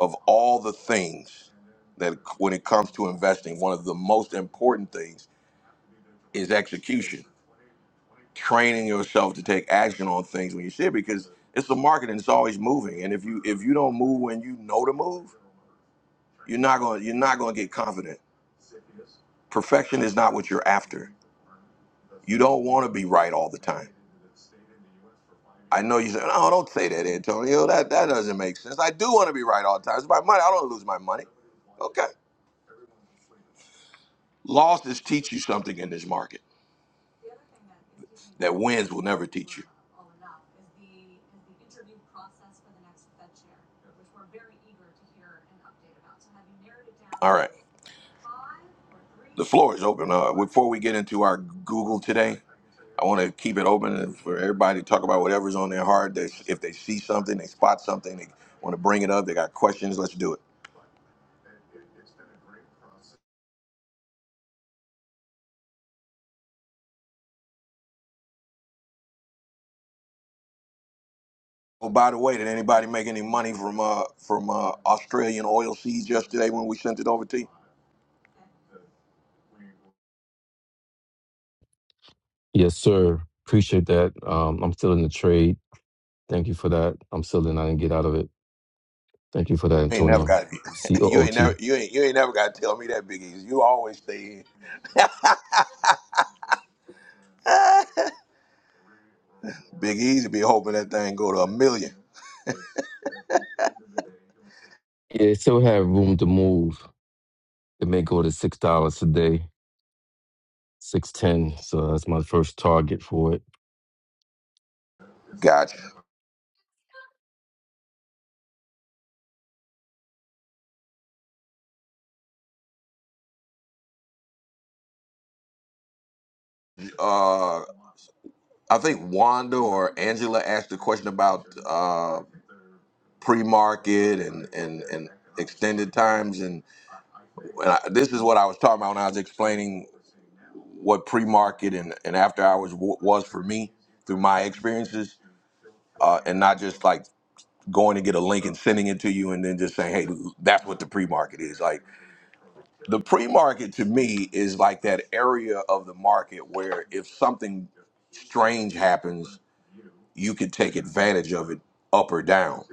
[SPEAKER 1] of all the things that when it comes to investing, one of the most important things is execution training yourself to take action on things when you see it because it's the market and it's always moving. And if you if you don't move when you know to move, you're not going you're not going to get confident. Perfection is not what you're after. You don't want to be right all the time. I know you say, no, don't say that, Antonio. That that doesn't make sense. I do want to be right all the time. It's my money. I don't lose my money. Okay. Losses teach you something in this market that wins will never teach you. All right. The floor is open. Uh, before we get into our Google today, I want to keep it open for everybody to talk about whatever's on their heart. They, if they see something, they spot something, they want to bring it up. They got questions. Let's do it. Oh, by the way, did anybody make any money from uh, from uh, Australian oil seeds yesterday when we sent it over to you?
[SPEAKER 8] Yes, sir. Appreciate that. Um, I'm still in the trade. Thank you for that. I'm still in. I didn't get out of it. Thank you for that,
[SPEAKER 1] ain't never
[SPEAKER 8] Antonio.
[SPEAKER 1] got
[SPEAKER 8] C O
[SPEAKER 1] you
[SPEAKER 8] O
[SPEAKER 1] ain't
[SPEAKER 8] T.
[SPEAKER 1] never you ain't you ain't never got to tell me that Big Easy. You always stay Big Easy be hoping that thing go to a million.
[SPEAKER 8] Yeah, it still have room to move. It may go to six dollars a day, six ten. So that's my first target for it.
[SPEAKER 1] Gotcha. Uh, I think Wanda or Angela asked a question about uh, pre-market and and and extended times, and, and I, this is what I was talking about when I was explaining what pre-market and and after hours w- was for me through my experiences, uh, and not just like going to get a link and sending it to you and then just saying hey that's what the pre-market is like the pre-market to me is like that area of the market where if something strange happens you can take advantage of it up or down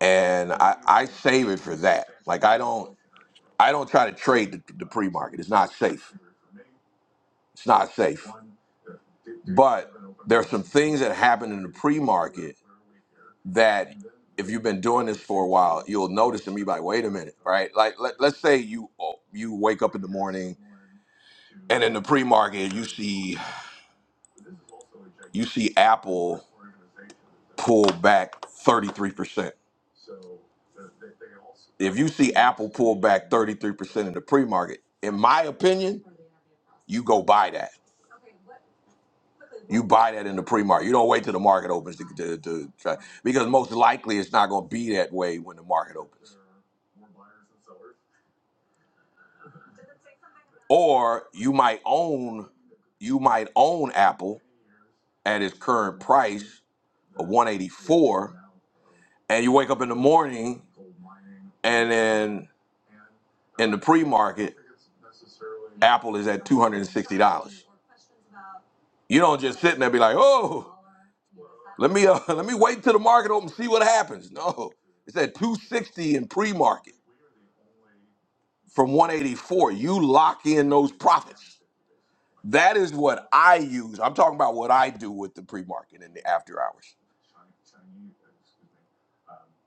[SPEAKER 1] and i, I save it for that like i don't i don't try to trade the, the pre-market it's not safe it's not safe but there are some things that happen in the pre-market that if you've been doing this for a while you'll notice and be like wait a minute right like let, let's say you you wake up in the morning and in the pre-market you see you see Apple pull back 33%. If you see Apple pull back 33% in the pre-market, in my opinion, you go buy that. You buy that in the pre-market. You don't wait till the market opens to, to, to try because most likely it's not going to be that way when the market opens. Or you might own you might own Apple at its current price of 184 and you wake up in the morning and then in the pre-market Apple is at two hundred and sixty dollars. You don't just sit there and be like, oh, let me uh, let me wait till the market open, see what happens. No, it's at two sixty in pre-market from one eighty four. You lock in those profits. That is what I use. I'm talking about what I do with the pre-market and the after hours.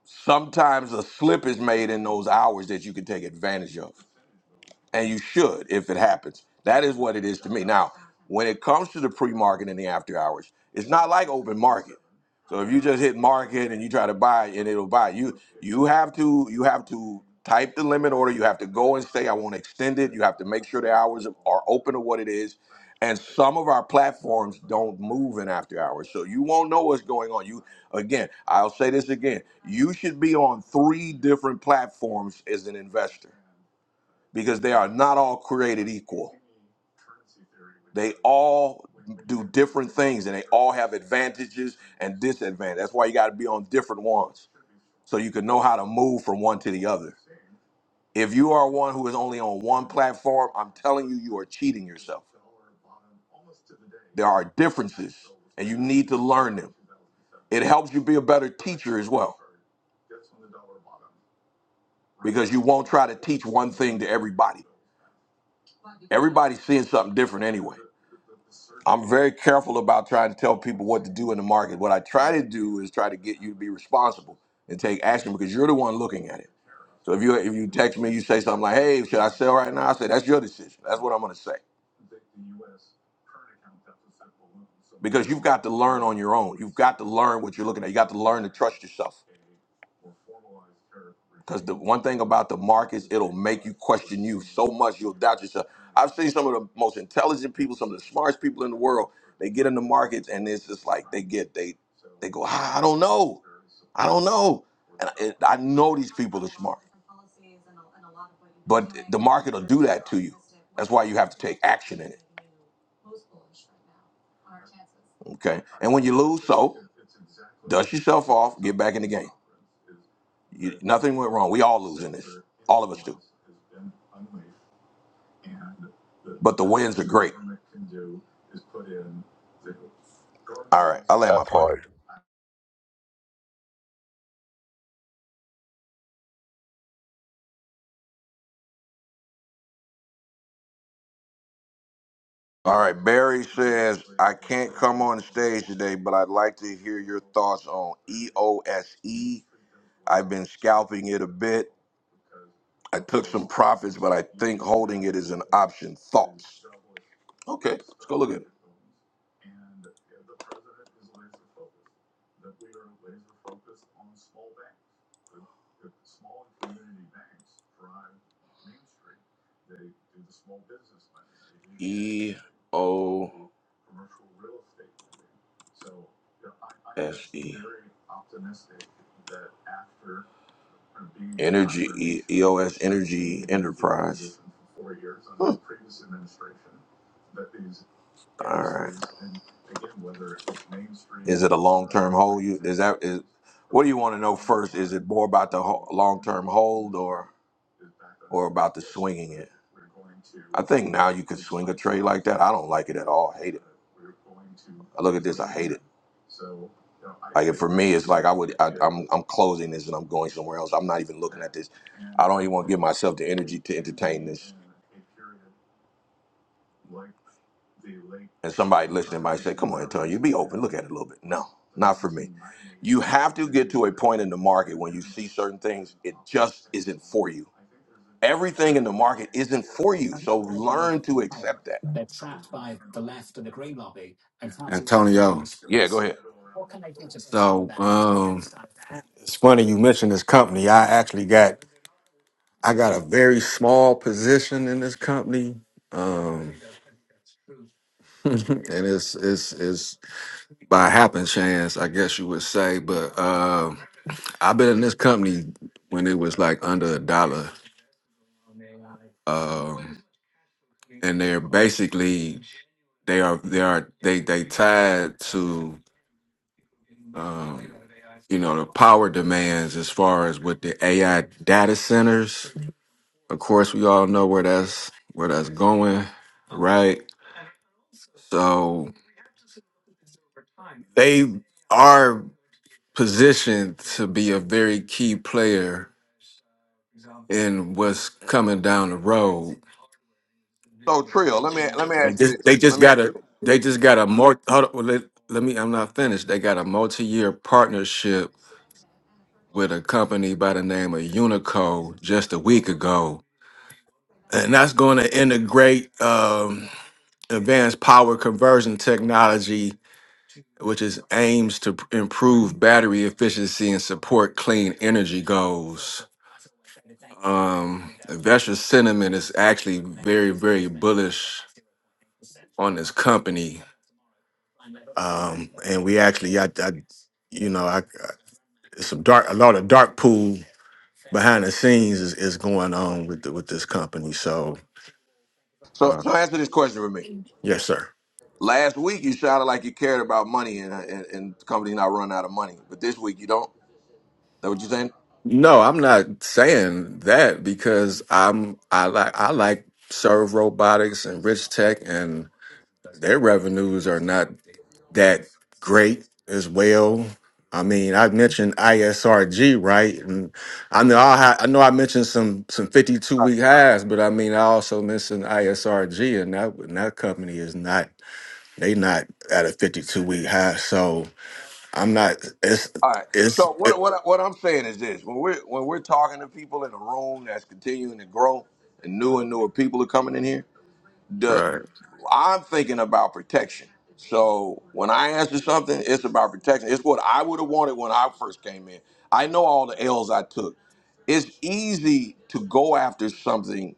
[SPEAKER 1] Sometimes a slip is made in those hours that you can take advantage of. and you should if it happens. That is what it is to me. Now, when it comes to the pre-market and the after hours, it's not like open market. So if you just hit market and you try to buy and it'll buy you, you have to you have to type the limit order. You have to go and say I want to extend it. You have to make sure the hours are open to what it is. And some of our platforms don't move in after hours, so you won't know what's going on. You again, I'll say this again. You should be on three different platforms as an investor because they are not all created equal. They all do different things and they all have advantages and disadvantages. That's why you got to be on different ones so you can know how to move from one to the other. If you are one who is only on one platform, I'm telling you, you are cheating yourself. There are differences and you need to learn them. It helps you be a better teacher as well because you won't try to teach one thing to everybody. Everybody's seeing something different anyway. I'm very careful about trying to tell people what to do in the market. What I try to do is try to get you to be responsible and take action because you're the one looking at it. So if you if you text me, you say something like, "Hey, should I sell right now?" I say, "That's your decision. That's what I'm going to say." Because you've got to learn on your own. You've got to learn what you're looking at. You got to learn to trust yourself. Because the one thing about the markets, it'll make you question you so much you'll doubt yourself. I've seen some of the most intelligent people, some of the smartest people in the world They get in the markets and it's just like they get they they go. Ah, I don't know. I don't know. And I, I know these people are smart. But the market will do that to you. That's why you have to take action in it. Okay. And when you lose, so dust yourself off, get back in the game. You, nothing went wrong. We all lose in this. All of us do. But the wins are great. All right. I land my
[SPEAKER 8] That
[SPEAKER 1] plane.
[SPEAKER 8] part.
[SPEAKER 1] All right, Barry says, I can't come on stage today, but I'd like to hear your thoughts on EOSE. I've been scalping it a bit. I took some profits, but I think holding it is an option. Thoughts? Okay, let's go look at it. E O S E. Energy, E- EOS Energy Enterprise. Hmm. All right. Is it a long-term hold? You is that is? What do you want to know first? Is it more about the ho- long-term hold or or about the swinging it? I think now you can swing a trade like that. I don't like it at all. I hate it. I look at this. I hate it. Like if for me, it's like I would I, I'm I'm closing this and I'm going somewhere else. I'm not even looking at this. I don't even want to give myself the energy to entertain this. And somebody listening might say, "Come on, Antonio, you be open. Look at it a little bit." No, not for me. You have to get to a point in the market when you see certain things, it just isn't for you. Everything in the market isn't for you, so learn to accept that.
[SPEAKER 5] Antonio.
[SPEAKER 1] Yeah, go ahead.
[SPEAKER 5] So um it's funny you mentioned this company. I actually got I got a very small position in this company. Um and it's it's it's by happen chance, I guess you would say. But um, I've been in this company when it was like under a dollar, um, and they're basically they are they are they they tied to um, you know the power demands as far as with the AI data centers. Of course, we all know where that's where that's going, right? So they are positioned to be a very key player and what's coming down the road.
[SPEAKER 1] So, Trill, let me let me
[SPEAKER 5] They
[SPEAKER 1] ask you
[SPEAKER 5] just they
[SPEAKER 1] this. Let
[SPEAKER 5] just
[SPEAKER 1] me
[SPEAKER 5] got
[SPEAKER 1] ask you
[SPEAKER 5] a
[SPEAKER 1] this.
[SPEAKER 5] they just got a more hold on, let, let me I'm not finished. They got a multi-year partnership with a company by the name of Unico just a week ago. And that's going to integrate um, advanced power conversion technology which is aims to p- improve battery efficiency and support clean energy goals. Um, investor sentiment is actually very, very bullish on this company um, and we actually, yeah, I, I you know, I, I some dark, a lot of dark pool behind the scenes is, is going on with the, with this company. So,
[SPEAKER 1] So, so
[SPEAKER 5] um,
[SPEAKER 1] answer this question for me.
[SPEAKER 5] yes, sir.
[SPEAKER 1] Last week you shouted like you cared about money and and, and the company not run out of money, but this week you don't. That what you saying?
[SPEAKER 5] No, I'm not saying that because I'm I like I like Serve Robotics and Rich Tech and their revenues are not that great as well. I mean, I mentioned ISRG, right? And I know I, ha- I know I mentioned some some fifty two week highs, but I mean, I also mentioned ISRG, and that and that company is not they not at a fifty two week high. So I'm not. It's
[SPEAKER 1] All right.
[SPEAKER 5] it's
[SPEAKER 1] So what
[SPEAKER 5] it,
[SPEAKER 1] what what I'm saying is this: when we're when we're talking to people in a room that's continuing to grow and new and newer people are coming in here, the
[SPEAKER 5] Right.
[SPEAKER 1] I'm thinking about protection. So when I answer something, it's about protection. It's what I would have wanted when I first came in. I know all the L's I took. It's easy to go after something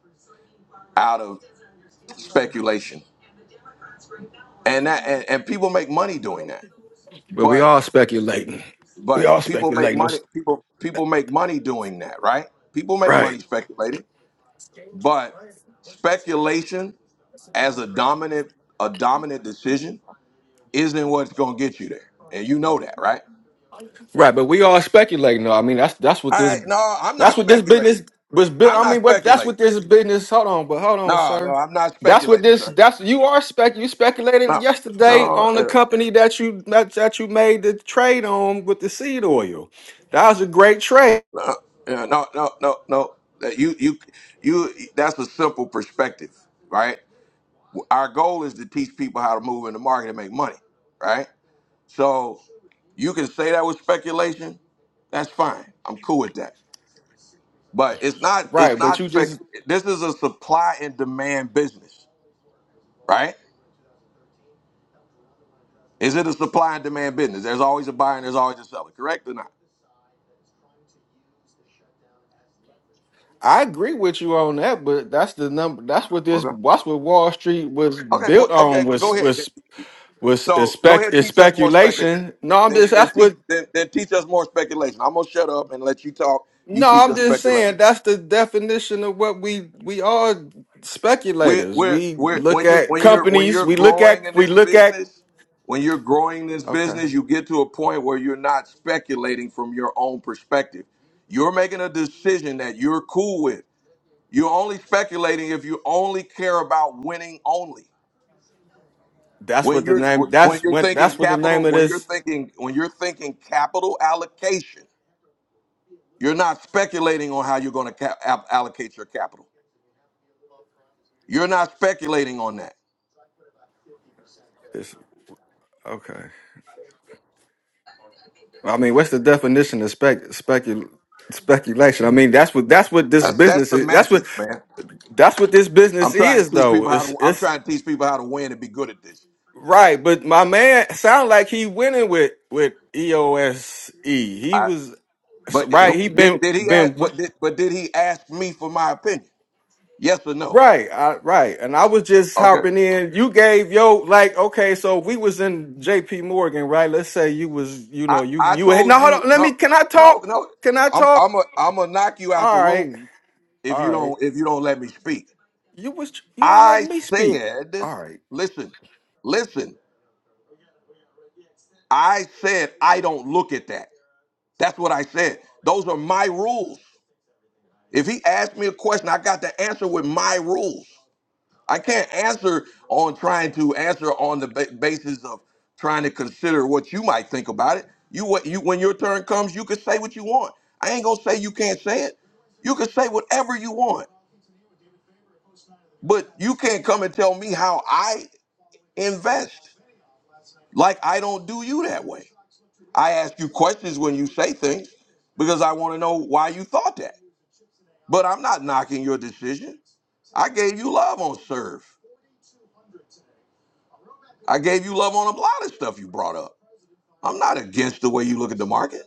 [SPEAKER 1] out of speculation and that and, and people make money doing that
[SPEAKER 5] but we
[SPEAKER 1] but
[SPEAKER 5] all speculating. We all
[SPEAKER 1] but people make
[SPEAKER 5] speculating.
[SPEAKER 1] money people people make money doing that right people make
[SPEAKER 5] Right.
[SPEAKER 1] money speculating but speculation as a dominant a dominant decision isn't what's going to get you there and you know that right
[SPEAKER 5] Right, but we all speculating though. I mean, that's that's what
[SPEAKER 1] all
[SPEAKER 5] this
[SPEAKER 1] right no i'm not
[SPEAKER 5] that's what this business
[SPEAKER 1] speculating
[SPEAKER 5] was built.
[SPEAKER 1] i'm
[SPEAKER 5] I
[SPEAKER 1] not
[SPEAKER 5] mean, what that's what
[SPEAKER 1] speculating
[SPEAKER 5] this business. Hold on, but hold on,
[SPEAKER 1] no no
[SPEAKER 5] sir.
[SPEAKER 1] i'm not
[SPEAKER 5] That's what
[SPEAKER 1] speculating
[SPEAKER 5] this.
[SPEAKER 1] sir
[SPEAKER 5] That's you are spec. You speculated
[SPEAKER 1] no
[SPEAKER 5] yesterday
[SPEAKER 1] no
[SPEAKER 5] on the
[SPEAKER 1] uh,
[SPEAKER 5] company that you that, that you made the trade on with the seed oil. That was a great trade,
[SPEAKER 1] uh, uh, no no no no Uh, you you you that's a simple perspective right Our goal is to teach people how to move in the market and make money, right? So you can say that was speculation. That's fine. I'm cool with that. But it's not. It's
[SPEAKER 5] right? But
[SPEAKER 1] not
[SPEAKER 5] you
[SPEAKER 1] spec.
[SPEAKER 5] just,
[SPEAKER 1] This is a supply and demand business, right? Is it a supply and demand business? There's always a buyer and there's always a seller. Correct or not?
[SPEAKER 5] I agree with you on that. But that's the number. That's what this.
[SPEAKER 1] Okay.
[SPEAKER 5] That's what Wall Street was
[SPEAKER 1] Okay.
[SPEAKER 5] built
[SPEAKER 1] Well, okay.
[SPEAKER 5] on.
[SPEAKER 1] Well,
[SPEAKER 5] Was
[SPEAKER 1] go ahead.
[SPEAKER 5] was was is
[SPEAKER 1] So go
[SPEAKER 5] spec
[SPEAKER 1] ahead. and
[SPEAKER 5] is
[SPEAKER 1] Teach us more spec.
[SPEAKER 5] speculation. No, I'm
[SPEAKER 1] Then
[SPEAKER 5] just.
[SPEAKER 1] then
[SPEAKER 5] That's
[SPEAKER 1] teach
[SPEAKER 5] what
[SPEAKER 1] then, then teach us more speculation. I'm gonna shut up and let you talk. You
[SPEAKER 5] No,
[SPEAKER 1] teach
[SPEAKER 5] I'm
[SPEAKER 1] us
[SPEAKER 5] just
[SPEAKER 1] speculation.
[SPEAKER 5] saying that's the definition of what we we are
[SPEAKER 1] We're,
[SPEAKER 5] speculators.
[SPEAKER 1] we're,
[SPEAKER 5] We
[SPEAKER 1] we're,
[SPEAKER 5] look
[SPEAKER 1] when you
[SPEAKER 5] at
[SPEAKER 1] when you're when
[SPEAKER 5] companies,
[SPEAKER 1] you're
[SPEAKER 5] we look
[SPEAKER 1] growing
[SPEAKER 5] at
[SPEAKER 1] in
[SPEAKER 5] we
[SPEAKER 1] this
[SPEAKER 5] look at
[SPEAKER 1] business, when you're growing this
[SPEAKER 5] okay.
[SPEAKER 1] business, you get to a point where you're not speculating from your own perspective. You're making a decision that you're cool with. You're only speculating if you only care about winning only.
[SPEAKER 5] That's
[SPEAKER 1] When
[SPEAKER 5] what the
[SPEAKER 1] you're
[SPEAKER 5] name
[SPEAKER 1] when
[SPEAKER 5] that's
[SPEAKER 1] you're
[SPEAKER 5] when
[SPEAKER 1] thinking
[SPEAKER 5] that's what the name
[SPEAKER 1] capital,
[SPEAKER 5] of
[SPEAKER 1] when you're
[SPEAKER 5] this
[SPEAKER 1] thinking when you're thinking capital allocation, you're not speculating on how you're going to cap- allocate your capital. You're not speculating on that.
[SPEAKER 5] is okay. I mean, what's the definition of spec specul speculation? I mean, that's what that's what this
[SPEAKER 1] That's that's
[SPEAKER 5] business is. That's what
[SPEAKER 1] semantics, man.
[SPEAKER 5] that's what this
[SPEAKER 1] I'm
[SPEAKER 5] business
[SPEAKER 1] trying
[SPEAKER 5] is
[SPEAKER 1] to teach
[SPEAKER 5] though.
[SPEAKER 1] people how
[SPEAKER 5] It's
[SPEAKER 1] to. I'm
[SPEAKER 5] it's
[SPEAKER 1] trying to teach people how to win and be good at this.
[SPEAKER 5] right, but my man sound like he winning with with EOSE. He
[SPEAKER 1] I,
[SPEAKER 5] was so,
[SPEAKER 1] but
[SPEAKER 5] right, he
[SPEAKER 1] did,
[SPEAKER 5] been
[SPEAKER 1] did he ask?
[SPEAKER 5] been
[SPEAKER 1] But did, but did he ask me for my opinion? Yes or no?
[SPEAKER 5] Right, I, right, and I was just
[SPEAKER 1] Okay.
[SPEAKER 5] hopping in. You gave yo like okay, so if we was in J.P. Morgan, right? Let's say you was, you
[SPEAKER 1] I,
[SPEAKER 5] know, you
[SPEAKER 1] I
[SPEAKER 5] you had
[SPEAKER 1] told
[SPEAKER 5] no.
[SPEAKER 1] you
[SPEAKER 5] Hold on, let
[SPEAKER 1] no,
[SPEAKER 5] me. Can I
[SPEAKER 1] no,
[SPEAKER 5] talk?
[SPEAKER 1] no.
[SPEAKER 5] Can I
[SPEAKER 1] I'm
[SPEAKER 5] talk?
[SPEAKER 1] I'm a I'm gonna knock you out the
[SPEAKER 5] All right,
[SPEAKER 1] room if
[SPEAKER 5] all
[SPEAKER 1] you
[SPEAKER 5] right.
[SPEAKER 1] don't if you don't let me speak.
[SPEAKER 5] You was you ain't
[SPEAKER 1] I
[SPEAKER 5] letting me speak.
[SPEAKER 1] said,
[SPEAKER 5] All right,
[SPEAKER 1] listen, listen. I said I don't look at that. That's what I said. Those are my rules. If he asked me a question, I got to answer with my rules. I can't answer on trying to answer on the ba- basis of trying to consider what you might think about it. You what you when your turn comes, you can say what you want. I ain't gonna say you can't say it. You can say whatever you want, but you can't come and tell me how I invest. Like I don't do you that way. I ask you questions when you say things because I want to know why you thought that. But I'm not knocking your decision. I gave you love on serve. I gave you love on a lot of stuff you brought up. I'm not against the way you look at the market.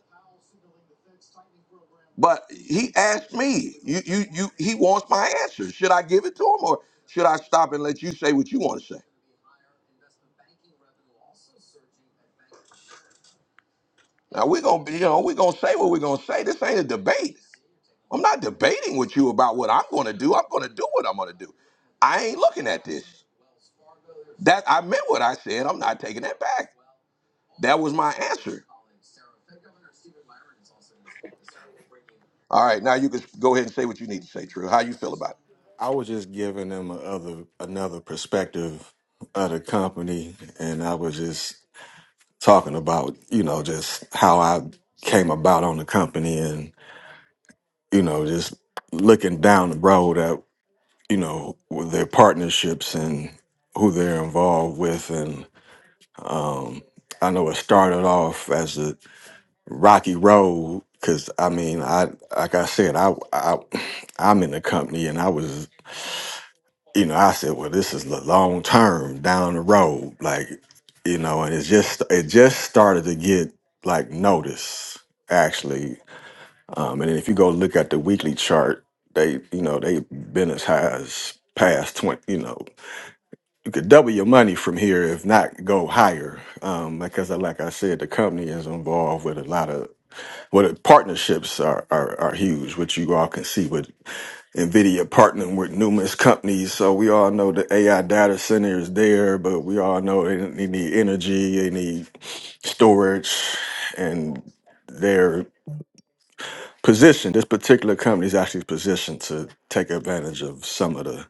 [SPEAKER 1] But he asked me, you, you, you, he wants my answer. Should I give it to him or should I stop and let you say what you want to say? Now we're gonna be, you know, we're gonna say what we're gonna say. This ain't a debate. I'm not debating with you about what I'm gonna do. I'm gonna do what I'm gonna do. I ain't looking at this. That I meant what I said. I'm not taking that back. That was my answer. All right, now you can go ahead and say what you need to say, True. How you feel about it?
[SPEAKER 5] I was just giving them a other another perspective of the company, and I was just talking about you know just how I came about on the company, and you know just looking down the road you know, with their partnerships and who they're involved with. And um, I know it started off as a rocky road because I mean, I like I said, I, I I'm in the company and I was, you know, I said, well, this is the long term down the road, like you know, and it's just it just started to get like notice actually. Um, and if you go look at the weekly chart, they you know they've been as high as past twenty, you know. you could double your money from here, if not go higher. Um, because I, like I said, the company is involved with a lot of well, the partnerships are, are are huge, which you all can see with Nvidia partnering with numerous companies. So we all know the AI data center is there, but we all know they, they need energy, they need storage, and their position. This particular company is actually positioned to take advantage of some of the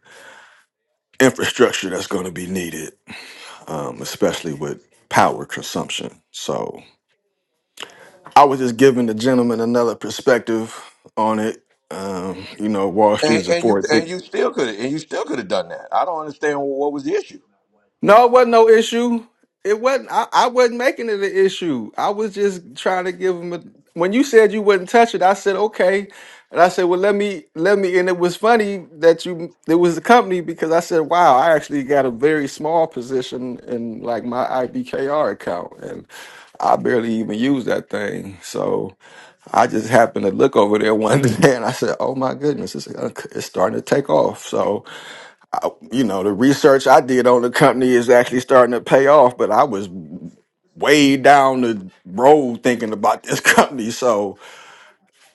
[SPEAKER 5] infrastructure that's going to be needed. um, especially with power consumption. So I was just giving the gentleman another perspective on it. Um, you know, Wall Street is a
[SPEAKER 1] And, and you
[SPEAKER 5] forward
[SPEAKER 1] and you still could and you still could have done that. I don't understand what was the issue.
[SPEAKER 5] No, it wasn't no issue. It wasn't. I, I wasn't making it an issue. I was just trying to give him a. When you said you wouldn't touch it, I said okay, and I said, well, let me let me. And it was funny that you it was the company because I said, wow, I actually got a very small position in like my IBKR account, and I barely even use that thing. So I just happened to look over there one day, and I said, oh my goodness, it's, it's starting to take off. So uh, you know, the research I did on the company is actually starting to pay off, but I was way down the road thinking about this company. So,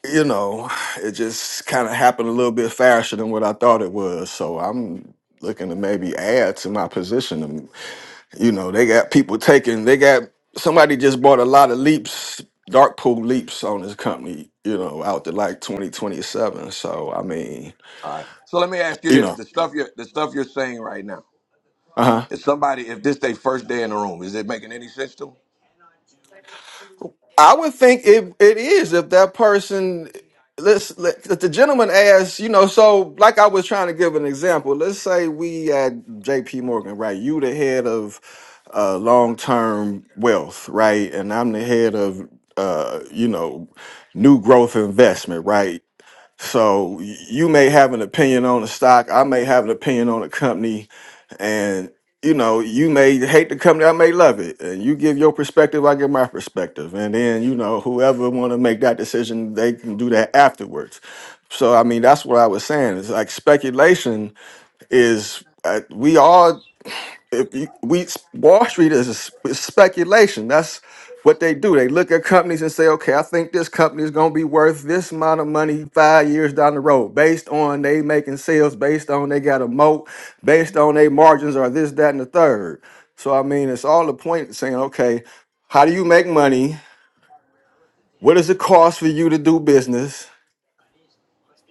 [SPEAKER 5] you know, it just kind of happened a little bit faster than what I thought it was. So I'm looking to maybe add to my position. And, you know, they got people taking, they got somebody just bought a lot of leaps, dark pool leaps on this company, you know, out to like 2027. So, I mean,
[SPEAKER 1] All right. So let me ask you
[SPEAKER 5] you
[SPEAKER 1] this:
[SPEAKER 5] know,
[SPEAKER 1] the stuff you're the stuff you're saying right now,
[SPEAKER 5] uh-huh.
[SPEAKER 1] is somebody if this their first day in the room, is it making any sense to them?
[SPEAKER 5] I would think it it is if that person let's let if the gentleman asks, you know, so like I was trying to give an example. Let's say we at JP Morgan, right? You the head of uh long term wealth, right? And I'm the head of uh, you know, new growth investment, right? So y- you may have an opinion on a stock, I may have an opinion on a company, and you know, you may hate the company, I may love it. And you give your perspective, I give my perspective. And then, you know, whoever wanna make that decision, they can do that afterwards. So I mean, that's what I was saying. It's like speculation is uh, we all if you, we Wall Street is a s- is speculation. That's what they do. They look at companies and say, okay, I think this company is going to be worth this amount of money five years down the road, based on they making sales, based on they got a moat, based on they margins are this, that, and the third. So I mean, it's all the point of saying, okay, how do you make money? What does it cost for you to do business?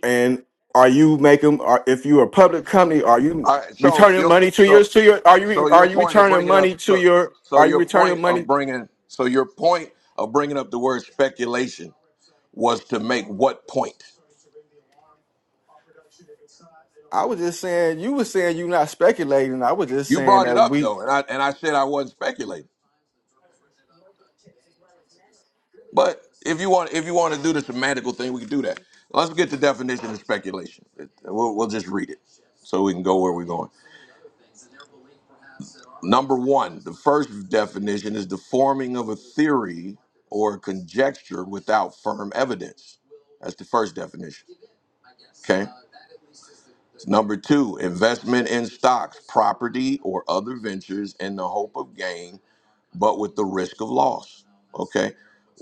[SPEAKER 5] And are you making? Are, if you're a public company, are you
[SPEAKER 1] All right. So
[SPEAKER 5] returning
[SPEAKER 1] your
[SPEAKER 5] money to your
[SPEAKER 1] so
[SPEAKER 5] to your? Are
[SPEAKER 1] so
[SPEAKER 5] you are
[SPEAKER 1] your
[SPEAKER 5] you
[SPEAKER 1] point of
[SPEAKER 5] returning
[SPEAKER 1] bringing up
[SPEAKER 5] money to
[SPEAKER 1] so
[SPEAKER 5] your?
[SPEAKER 1] so
[SPEAKER 5] Are you
[SPEAKER 1] your point
[SPEAKER 5] returning
[SPEAKER 1] of
[SPEAKER 5] money?
[SPEAKER 1] bringing so your point of bringing up the word speculation was to make what point?
[SPEAKER 5] I was just saying. You were saying you're not speculating. I was just
[SPEAKER 1] You
[SPEAKER 5] saying
[SPEAKER 1] brought it
[SPEAKER 5] that
[SPEAKER 1] up
[SPEAKER 5] we
[SPEAKER 1] though, and I and I said I wasn't speculating. But if you want if you want to do the semantical thing, we can do that. Let's get the definition of speculation. It- We'll, we'll just read it so we can go where we're going. Number one, the first definition is the forming of a theory or conjecture without firm evidence. That's the first definition. Okay. Number two, investment in stocks, property, or other ventures in the hope of gain, but with the risk of loss. Okay,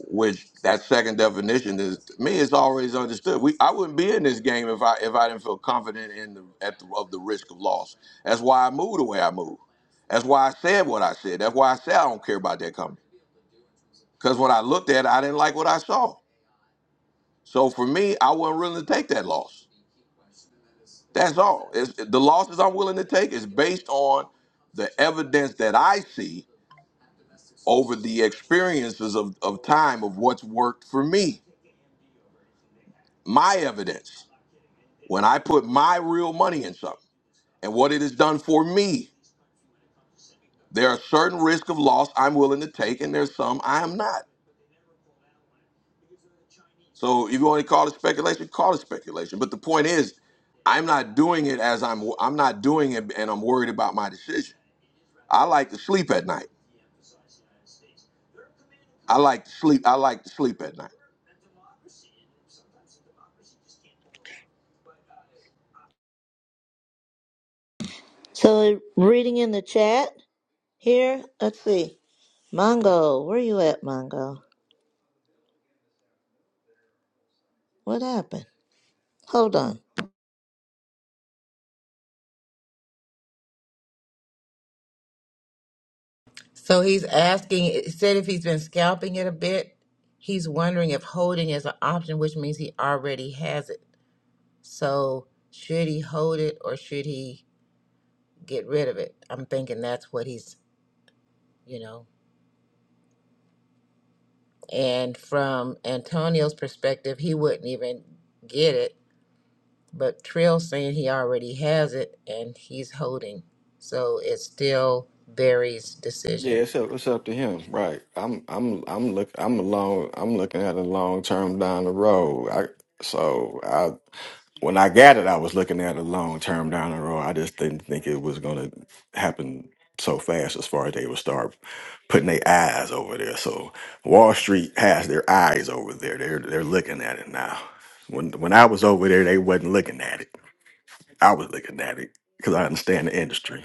[SPEAKER 1] which that second definition is to me It's always understood. We I wouldn't be in this game if I if I didn't feel confident in the at the, of the risk of loss. That's why I moved the way I moved. That's why I said what I said. That's why I said I don't care about that company because when I looked at it, I didn't like what I saw. So for me, I wasn't willing to take that loss. That's all. It's, the losses I'm willing to take is based on the evidence that I see over the experiences of, of time of what's worked for me. My evidence. When I put my real money in something and what it has done for me, there are certain risks of loss I'm willing to take, and there's some I am not. So if you want to call it speculation, call it speculation. But the point is, I'm not doing it as I'm I'm not doing it and I'm worried about my decision. I like to sleep at night. I like to sleep. I like to sleep at night.
[SPEAKER 2] So, reading in the chat here, let's see. Mongo, where you at, Mongo? What happened? Hold on.
[SPEAKER 7] So he's asking, it said if he's been scalping it a bit, he's wondering if holding is an option, which means he already has it. So should he hold it or should he get rid of it? I'm thinking that's what he's, you know. And from Antonio's perspective, he wouldn't even get it But Trill's saying he already has it and he's holding. So it's still Barry's
[SPEAKER 5] Yeah,
[SPEAKER 7] decision.
[SPEAKER 5] it's up, it's up to him, right? I'm I'm I'm look I'm along I'm looking at a long term down the road. I so I when I got it, I was looking at a long term down the road. I just didn't think it was gonna happen so fast as far as they would start putting their eyes over there. So Wall Street has their eyes over there. They're they're looking at it now. When when I was over there, they wasn't looking at it. I was looking at it because I understand the industry,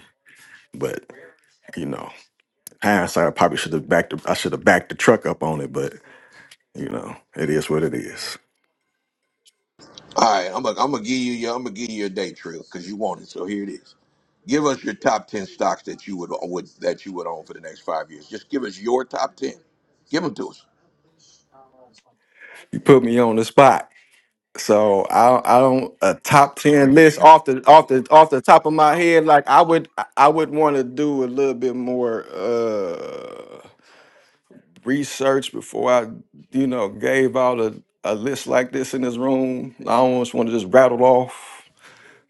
[SPEAKER 5] but you know hindsight, I probably should have backed. The, I should have backed the truck up on it, but you know, it is what it is.
[SPEAKER 1] All right, I'm gonna I'm gonna give you your I'm gonna give you your day trail because you want it. So here it is. Give us your top ten stocks that you would, uh, would that you would own for the next five years. Just give us your top ten. Give them to us.
[SPEAKER 5] You put me on the spot, so I, I don't a top ten list off the off the off the top of my head. Like I would, I would want to do a little bit more uh research before I, you know, gave out a a list like this in this room. I almost want to just rattle off.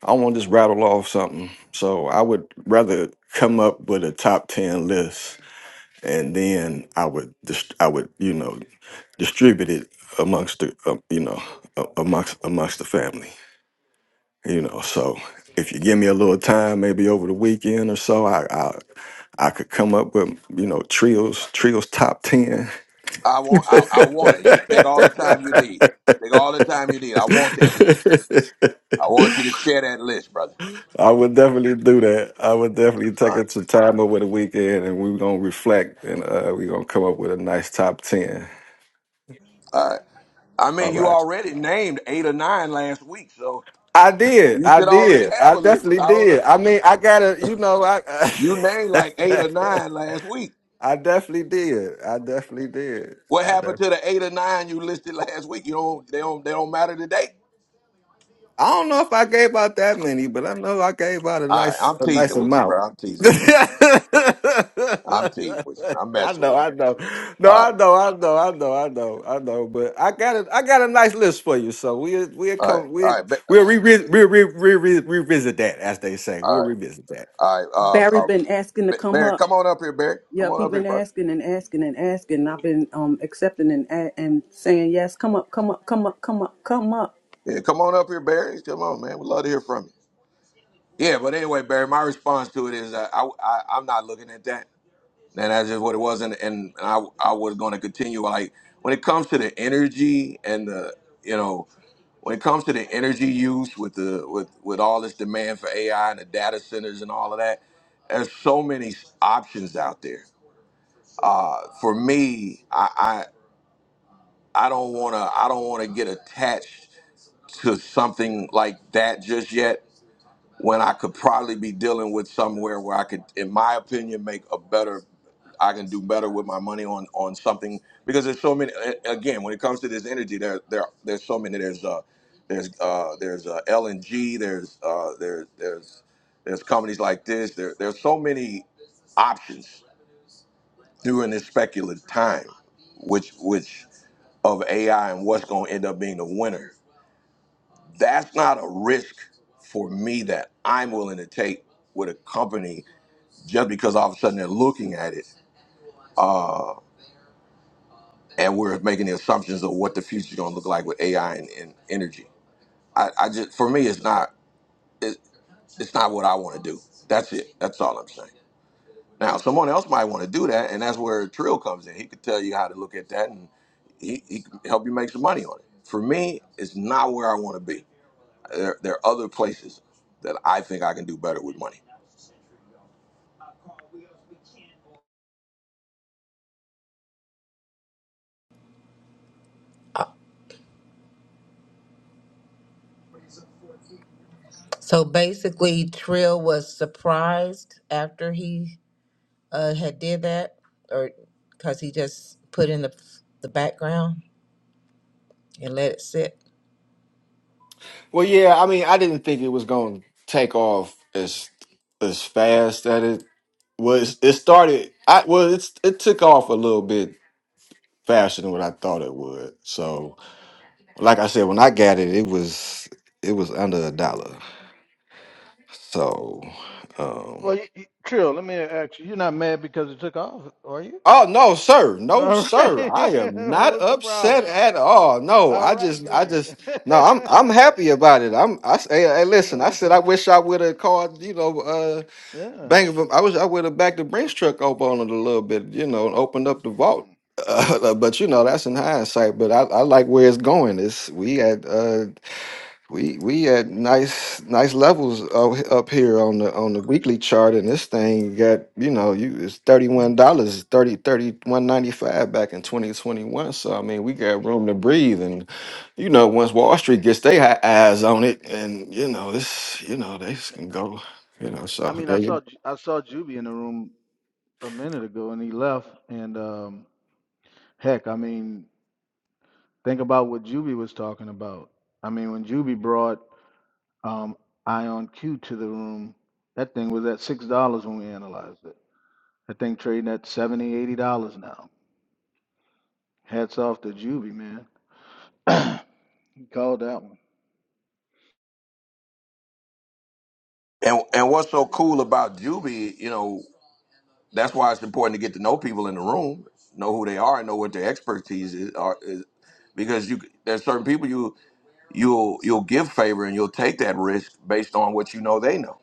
[SPEAKER 5] I want to just rattle off something. So I would rather come up with a top ten list and then I would dis- I would you know distribute it amongst the um, you know a- amongst amongst the family you know so if you give me a little time maybe over the weekend or so I I, I could come up with you know trios trios top 10
[SPEAKER 1] I want I, I want it. You take all the time you need. Take all the time you need. I want that list. I want you to share that list, brother.
[SPEAKER 5] I would definitely do that I would definitely
[SPEAKER 1] All
[SPEAKER 5] take
[SPEAKER 1] right.
[SPEAKER 5] it some time over the weekend and we're going to reflect and uh, we're going to come up with a nice top 10
[SPEAKER 1] All right. I
[SPEAKER 5] all
[SPEAKER 1] mean, you
[SPEAKER 5] right
[SPEAKER 1] already named eight or nine last week, so
[SPEAKER 5] I did.
[SPEAKER 1] you
[SPEAKER 5] I
[SPEAKER 1] should already
[SPEAKER 5] did.
[SPEAKER 1] have
[SPEAKER 5] I
[SPEAKER 1] a list.
[SPEAKER 5] definitely
[SPEAKER 1] I don't know.
[SPEAKER 5] did. I mean, I gotta, you know, I,
[SPEAKER 1] You named like eight or nine last week.
[SPEAKER 5] I definitely did. I definitely did.
[SPEAKER 1] What
[SPEAKER 5] I
[SPEAKER 1] happened
[SPEAKER 5] def-
[SPEAKER 1] to the eight or nine you listed last week? You don't they don't they don't matter today.
[SPEAKER 5] I don't know if I gave out that many, but I know I gave out a
[SPEAKER 1] All right,
[SPEAKER 5] nice,
[SPEAKER 1] I'm
[SPEAKER 5] a nice
[SPEAKER 1] teasing with you,
[SPEAKER 5] amount.
[SPEAKER 1] bro. I'm teasing
[SPEAKER 5] I
[SPEAKER 1] with you. I'm teasing with you. I'm messing
[SPEAKER 5] know,
[SPEAKER 1] with
[SPEAKER 5] I know. No,
[SPEAKER 1] you. All right,
[SPEAKER 5] I know, I know, I know, I know, I know. But I got a, I got a nice list for you. So we, we
[SPEAKER 1] all right,
[SPEAKER 5] come,
[SPEAKER 1] all
[SPEAKER 5] we
[SPEAKER 1] right, Ba-
[SPEAKER 5] We'll
[SPEAKER 1] uh,
[SPEAKER 5] re- re- re- re- re- re- revisit that, as they say. We'll
[SPEAKER 1] all
[SPEAKER 5] revisit that.
[SPEAKER 1] right, all right.
[SPEAKER 3] Barry
[SPEAKER 1] Uh, uh,
[SPEAKER 3] been asking to
[SPEAKER 1] Ba-
[SPEAKER 3] come
[SPEAKER 1] Barry,
[SPEAKER 3] up.
[SPEAKER 1] come on up here, Barry. Come
[SPEAKER 3] Yep, he
[SPEAKER 1] on up here,
[SPEAKER 3] been
[SPEAKER 1] bro.
[SPEAKER 3] asking and asking and asking. I've been um accepting and a- and saying yes. Come up, come up, come up, come up, come up.
[SPEAKER 1] Yeah, come on up here, Barry. Come on, man. We'd love to hear from you. Yeah, but anyway, Barry, my response to it is uh, I, I I'm not looking at that. And that's just what it was. And, and I, I was going to continue. Like when it comes to the energy and the, you know, when it comes to the energy use with the with with all this demand for AI and the data centers and all of that, there's so many s- options out there. Uh, for me, I, I I don't wanna I don't wanna get attached to something like that just yet when I could probably be dealing with somewhere where I could, in my opinion, make a better. I can do better with my money on on something because there's so many. a- Again, when it comes to this energy, there there there's so many. There's uh there's uh there's uh, LNG. There's uh there's there's there's companies like this. There there's so many options during this speculative time, which which of AI and what's going to end up being the winner. That's not a risk for me that I'm willing to take with a company just because all of a sudden they're looking at it uh, and we're making the assumptions of what the future's going to look like with AI and, and energy. I, I just for me, it's not it, it's not what I want to do. That's it. That's all I'm saying. Now, someone else might want to do that, and that's where Trill comes in. He could tell you how to look at that, and he, he can help you make some money on it. For me, it's not where I want to be. There, there are other places that I think I can do better with money.
[SPEAKER 7] So basically Trill was surprised after he uh, had did that or because he just put in the, the background and let it sit.
[SPEAKER 5] Well, yeah, I mean, I didn't think it was going to take off as as fast that it was. It started. I well, it's it took off a little bit faster than what I thought it would. So. Like I said, when I got it, it was it was under a dollar. So, um,
[SPEAKER 14] Well, you, you, chill. Let me ask you. You're not mad because it took off, are you?
[SPEAKER 5] oh no, sir, no,
[SPEAKER 14] All right.
[SPEAKER 5] sir, I am not
[SPEAKER 14] What's the
[SPEAKER 5] upset
[SPEAKER 14] problem?
[SPEAKER 5] at all. No,
[SPEAKER 14] All
[SPEAKER 5] I
[SPEAKER 14] right
[SPEAKER 5] just, I
[SPEAKER 14] then.
[SPEAKER 5] just, no, I'm I'm happy about it. I'm, I say, hey, hey,
[SPEAKER 14] I know
[SPEAKER 5] listen, I
[SPEAKER 14] that's
[SPEAKER 5] said I
[SPEAKER 14] right.
[SPEAKER 5] wish I would have called, you know, uh,
[SPEAKER 14] Yeah.
[SPEAKER 5] Bank of, I wish I would have backed the Brinks truck up on it a little bit, you know, and opened up the vault.
[SPEAKER 14] Hmm.
[SPEAKER 5] Uh, but you know that's in hindsight. But I, I like where it's going. It's we had uh We we at nice nice levels up, up here on the on the weekly chart, and this thing got you know you it's thirty one dollars thirty thirty one ninety five back in twenty twenty one. So I mean we got room to breathe, and you know
[SPEAKER 14] Mm-hmm.
[SPEAKER 5] once Wall Street gets their hi- eyes on it, and you know this you know they just can go you know so
[SPEAKER 14] I mean, I
[SPEAKER 5] there you
[SPEAKER 14] saw Ju- I saw Juby in the room a minute ago, and he left. And um, heck, I mean, think about what Juby was talking about. I mean, when Juby brought um, Ion Q to the room, that thing was at six dollars when we analyzed it. That thing trading at seventy, eighty dollars now. Hats off to Juvie, man. he called that one.
[SPEAKER 1] And and what's so cool about Juby, you know, that's why it's important to get to know people in the room, know who they are, and know what their expertise is, are, is because you there's certain people you you'll you'll give favor and you'll take that risk based on what you know they know,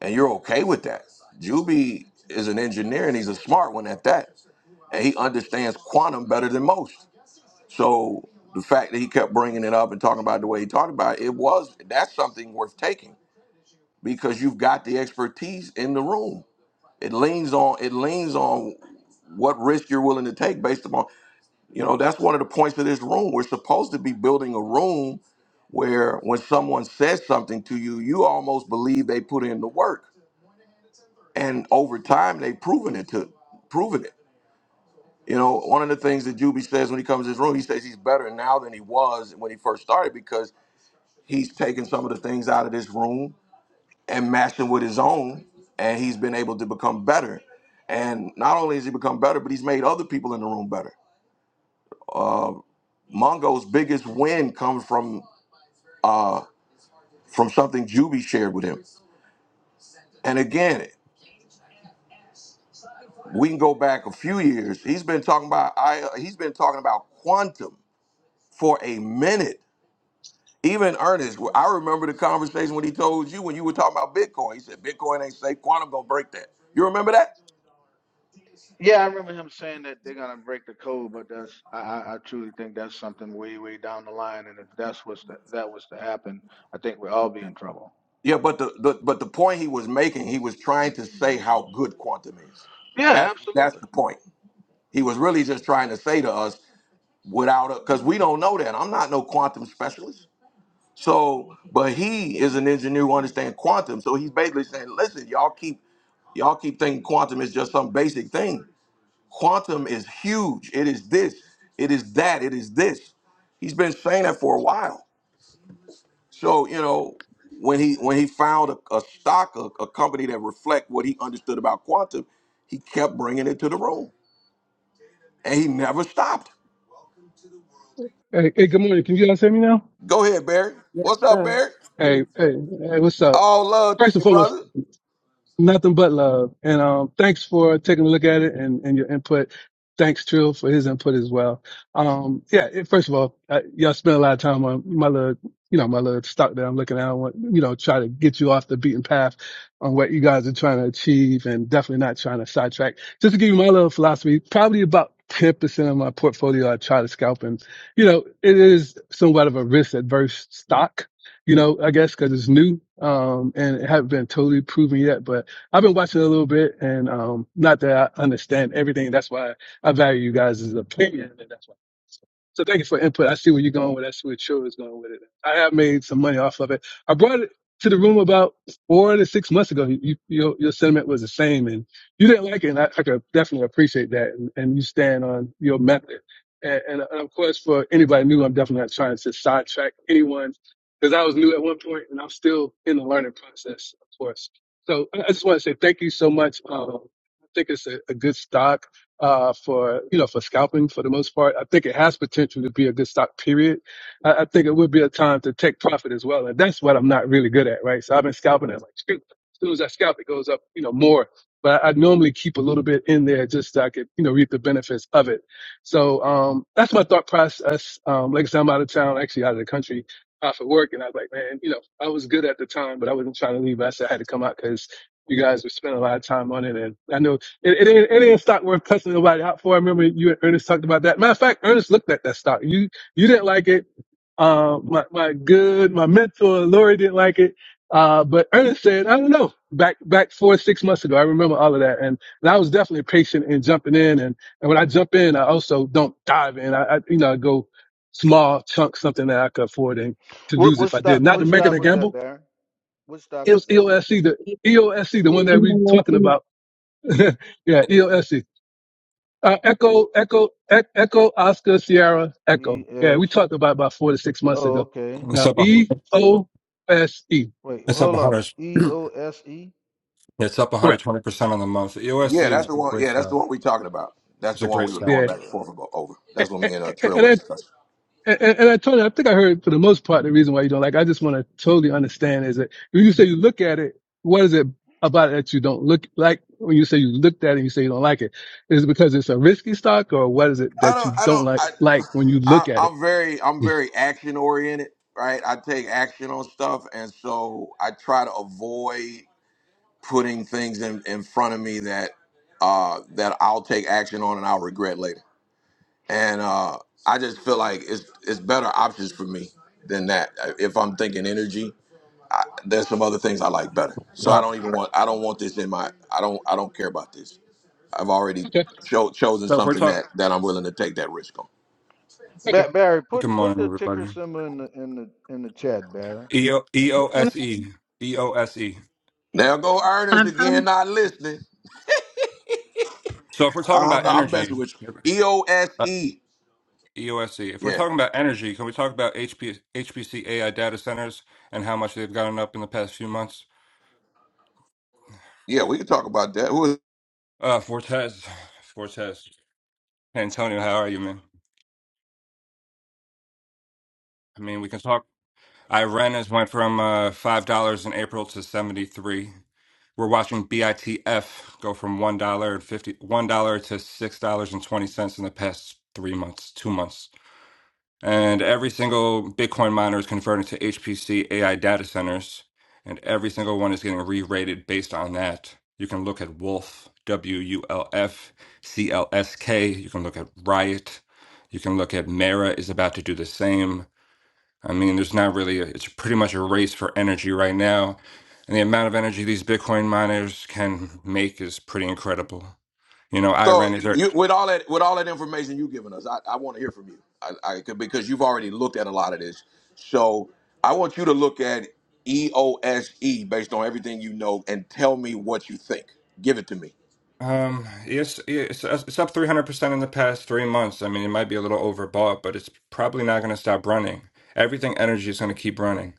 [SPEAKER 1] and you're okay with that. Juby is an engineer and he's a smart one at that, and he understands quantum better than most. So the fact that he kept bringing it up and talking about it the way he talked about it, it was that's something worth taking because you've got the expertise in the room It leans on it leans on what risk you're willing to take based upon you know that's one of the points of this room. We're supposed to be building a room where when someone says something to you, you almost believe they put in the work, and over time they've proven it to proven it. You know, one of the things that Juby says when he comes to this room, he says he's better now than he was when he first started because he's taken some of the things out of this room and matched him with his own, and he's been able to become better. And not only has he become better, but he's made other people in the room better. Uh, Mongo's biggest win comes from uh, from something Juby shared with him. And again, we can go back a few years. He's been talking about I. He's been talking about quantum for a minute. Even Ernest, I remember the conversation when he told you when you were talking about Bitcoin. He said Bitcoin ain't safe. Quantum gonna break that. You remember that?
[SPEAKER 14] Yeah, I remember him saying that they're gonna break the code, but that's I, I I truly think that's something way way down the line, and if that's what's to, that was to happen, I think we'd all be in trouble.
[SPEAKER 1] Yeah, but the, the but the point he was making, he was trying to say how good quantum is.
[SPEAKER 14] Yeah,
[SPEAKER 1] That's that's
[SPEAKER 14] absolutely.
[SPEAKER 1] the point. He was really just trying to say to us without because we don't know that. I'm not no quantum specialist. So, but he is an engineer who understands quantum. So he's basically saying, listen, y'all keep y'all keep thinking quantum is just some basic thing. Quantum is huge. It is this. It is that. It is this. He's been saying that for a while. So you know, when he when he found a, a stock, a, a company that reflect what he understood about quantum, he kept bringing it to the room, and he never stopped.
[SPEAKER 15] Hey, hey, good morning. Can you guys hear me now?
[SPEAKER 1] Go ahead, Barry.
[SPEAKER 3] Yes,
[SPEAKER 1] What's up,
[SPEAKER 3] sir.
[SPEAKER 1] Barry?
[SPEAKER 15] Hey, hey, hey, what's up?
[SPEAKER 1] All love to
[SPEAKER 15] First and
[SPEAKER 1] you,
[SPEAKER 15] foremost,
[SPEAKER 1] brother.
[SPEAKER 15] Nothing but love. And um, thanks for taking a look at it and, and your input. Thanks, Trill, for his input as well. Um, yeah, it, first of all, uh, y'all spend a lot of time on my little, you know, my little stock that I'm looking at. I want, you know, try to get you off the beaten path on what you guys are trying to achieve and definitely not trying to sidetrack. Just to give you my little philosophy, probably about 10% of my portfolio I try to scalp and, you know, it is somewhat of a risk adverse stock, you know, I guess because it's new, um, and it hasn't been totally proven yet, but I've been watching a little bit, and um, not that I understand everything. That's why I value you guys' opinion, and that's why. So, so thank you for input. I see where you're going with. it. I see where Chill is going with it. I have made some money off of it. I brought it to the room about four to six months ago. You, you, your, your sentiment was the same, and you didn't like it. And I, I could definitely appreciate that, and, and you stand on your method. And, and, and of course, for anybody new, I'm definitely not trying to sidetrack anyone because I was new at one point, and I'm still in the learning process, of course. So I I just want to say thank you so much. Um, I think it's a, a good stock uh, for you know for scalping for the most part. I think it has potential to be a good stock. Period. I, I think it would be a time to take profit as well, and that's what I'm not really good at, right? So I've been scalping. it like, shoot, as soon as I scalp, it goes up, you know, more. But I, I normally keep a little bit in there just so I could you know reap the benefits of it. So um, that's my thought process. Um, like I said, I'm out of town, actually out of the country off of work, and I was like, man, you know, I was good at the time, but I wasn't trying to leave. I said I had to come out because you guys were spending a lot of time on it, and I know it, it ain't it ain't a stock worth cussing nobody out for. I remember you and Ernest talked about that. Matter of fact, Ernest looked at that stock. You you didn't like it. Uh, my my good my mentor Lori didn't like it. Uh, but Ernest said, I don't know, back, back four, six months ago. I remember all of that. And, and I was definitely patient in jumping in. And, and when I jump in, I also don't dive in. I, I you know, I go small chunks, something that I could afford. And to
[SPEAKER 14] What
[SPEAKER 15] lose
[SPEAKER 14] what
[SPEAKER 15] if I did.
[SPEAKER 14] stock
[SPEAKER 15] Not to
[SPEAKER 14] what
[SPEAKER 15] make it
[SPEAKER 14] stock
[SPEAKER 15] a
[SPEAKER 14] was that,
[SPEAKER 15] gamble.
[SPEAKER 14] Baron? What stock
[SPEAKER 15] It
[SPEAKER 14] was
[SPEAKER 15] was
[SPEAKER 14] that?
[SPEAKER 15] EOSC, the EOSC, the one that we talking about. yeah, EOSC. Uh, Echo, Echo, E- Echo, Oscar, Sierra, Echo.
[SPEAKER 14] E
[SPEAKER 15] Yeah,
[SPEAKER 14] S
[SPEAKER 15] we talked about about four to six months
[SPEAKER 14] oh
[SPEAKER 15] ago.
[SPEAKER 14] okay.
[SPEAKER 16] It's
[SPEAKER 15] Now,
[SPEAKER 16] up. a-
[SPEAKER 15] E O S E.
[SPEAKER 14] Wait,
[SPEAKER 16] It's up
[SPEAKER 14] hold up.
[SPEAKER 16] 100.
[SPEAKER 14] E O S E?
[SPEAKER 16] It's up
[SPEAKER 15] Correct.
[SPEAKER 16] 120 percent on the month.
[SPEAKER 1] Yeah,
[SPEAKER 16] EOSC
[SPEAKER 14] E
[SPEAKER 1] that's
[SPEAKER 16] is
[SPEAKER 14] O
[SPEAKER 1] the
[SPEAKER 16] a
[SPEAKER 1] one.
[SPEAKER 16] great
[SPEAKER 1] Yeah, that's the
[SPEAKER 16] stock.
[SPEAKER 1] one we talking about. That's
[SPEAKER 16] It's
[SPEAKER 1] the
[SPEAKER 16] a
[SPEAKER 1] one
[SPEAKER 16] great
[SPEAKER 1] we were
[SPEAKER 16] stock.
[SPEAKER 14] E
[SPEAKER 1] going
[SPEAKER 15] Yeah.
[SPEAKER 1] back and
[SPEAKER 14] O
[SPEAKER 1] forth about over. That's what me and uh, Trill were
[SPEAKER 15] and,
[SPEAKER 1] discussing.
[SPEAKER 15] And, and, and I told you, I think I heard for the most part the reason why you don't like. I just want to totally understand is that when you say you look at it, what is it about it that you don't look like? When you say you looked at it and you say you don't like it, is it because it's a risky stock, or what is it
[SPEAKER 1] I
[SPEAKER 15] that you
[SPEAKER 1] don't. I
[SPEAKER 15] don't
[SPEAKER 1] don't.
[SPEAKER 15] like
[SPEAKER 1] I,
[SPEAKER 15] like when you
[SPEAKER 1] I.
[SPEAKER 15] look at it?
[SPEAKER 1] I'm very. I'm very action oriented. Right. I take action on stuff, and so I try to avoid putting things in, in front of me that uh, that I'll take action on and I'll regret later. And uh, I just feel like it's it's better options for me than that. Uh, If I'm thinking energy, I, there's some other things I like better. So I
[SPEAKER 16] Uh,
[SPEAKER 1] don't even want I don't want this in my I don't I don't care about this. I've already
[SPEAKER 15] Okay,
[SPEAKER 1] cho- chosen
[SPEAKER 16] so if we're
[SPEAKER 1] something
[SPEAKER 16] talking,
[SPEAKER 1] that that I'm willing to take that risk on.
[SPEAKER 15] okay.
[SPEAKER 14] Ba- Barry, put
[SPEAKER 16] good
[SPEAKER 14] put
[SPEAKER 16] morning,
[SPEAKER 14] the ticker
[SPEAKER 16] everybody.
[SPEAKER 14] symbol in the in the in the chat, Barry.
[SPEAKER 16] E O E O S E E O S E.
[SPEAKER 1] There go Ernest
[SPEAKER 17] I've come
[SPEAKER 1] again, not listening.
[SPEAKER 16] So if we're
[SPEAKER 1] I
[SPEAKER 16] talking
[SPEAKER 1] don't
[SPEAKER 16] about
[SPEAKER 1] know. I'm messing
[SPEAKER 16] energy,
[SPEAKER 1] with you. E O S
[SPEAKER 16] uh,
[SPEAKER 1] E.
[SPEAKER 16] EOSE. If we're
[SPEAKER 1] Yeah,
[SPEAKER 16] talking about energy, can we talk about H P H P C A I data centers and how much they've gotten up in the past few months?
[SPEAKER 1] yeah. We can talk about that. Who is
[SPEAKER 16] Uh, Fortes, Fortes, Antonio, how are you, man? I mean, we can talk. I Iran has went from uh, five dollars in April to seventy three. We're watching BITF go from one dollar and fifty one dollar to six dollars and twenty cents in the past three months, two months. And every single Bitcoin miner is converting to HPC AI data centers, and every single one is getting re-rated based on that. You can look at Wolf, W U L F, C L S K. You can look at Riot. You can look at Mara is about to do the same. I mean, there's not really, a, it's pretty much a race for energy right now. And the amount of energy these Bitcoin miners can make is pretty incredible. You know, I
[SPEAKER 1] So
[SPEAKER 16] is it.
[SPEAKER 1] you, with all that with all that information you've given us, I, I want to hear from you. I, I could- because you've already looked at a lot of this. So I want you to look at EOSE based on everything you know and tell me what you think. Give it to me.
[SPEAKER 16] Um, yes, it's, it's up 300% in the past three months. I mean, it might be a little overbought, but it's probably not going to stop running. Everything energy is going to keep running.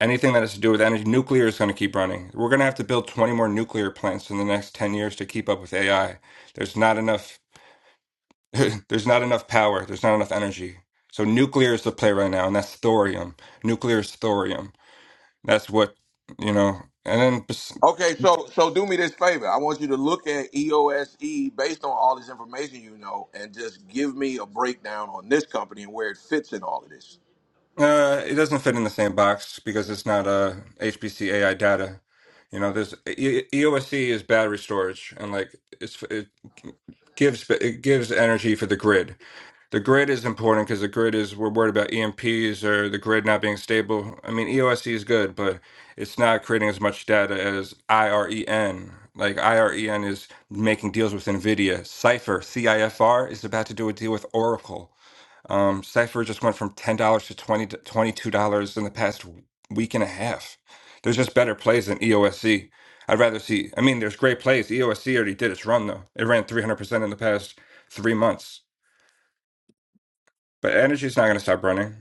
[SPEAKER 16] Anything that has to do with energy, nuclear is going to keep running. We're going to have to build 20 more nuclear plants in the next 10 years to keep up with AI. There's not enough. there's not enough power. There's not enough energy. So nuclear is the play right now, and that's thorium. Nuclear is thorium. That's what you know. And then bes-
[SPEAKER 1] Okay, so so do me this favor. I want you to look at EOSE based on all this information you know and just give me a breakdown on this company and where it fits in all of this.
[SPEAKER 16] uh, it doesn't fit in the same box because it's not uh, HPC AI data. You know, there's E- EOSC is battery storage, and like it's it gives it gives energy for the grid. The grid is important because the grid is we're worried about EMPs or the grid not being stable. I mean, EOSC is good, but it's not creating as much data as IREN. Like IREN is making deals with Nvidia. Cipher CIFR is about to do a deal with Oracle. Um, Cipher just went from ten dollars to twenty twenty-two dollars in the past w- week and a half. There's just better plays than EOSC. I'd rather see. I mean, there's great plays. EOSC already did its run though. It ran 300% in the past three months. But energy's not going to stop running.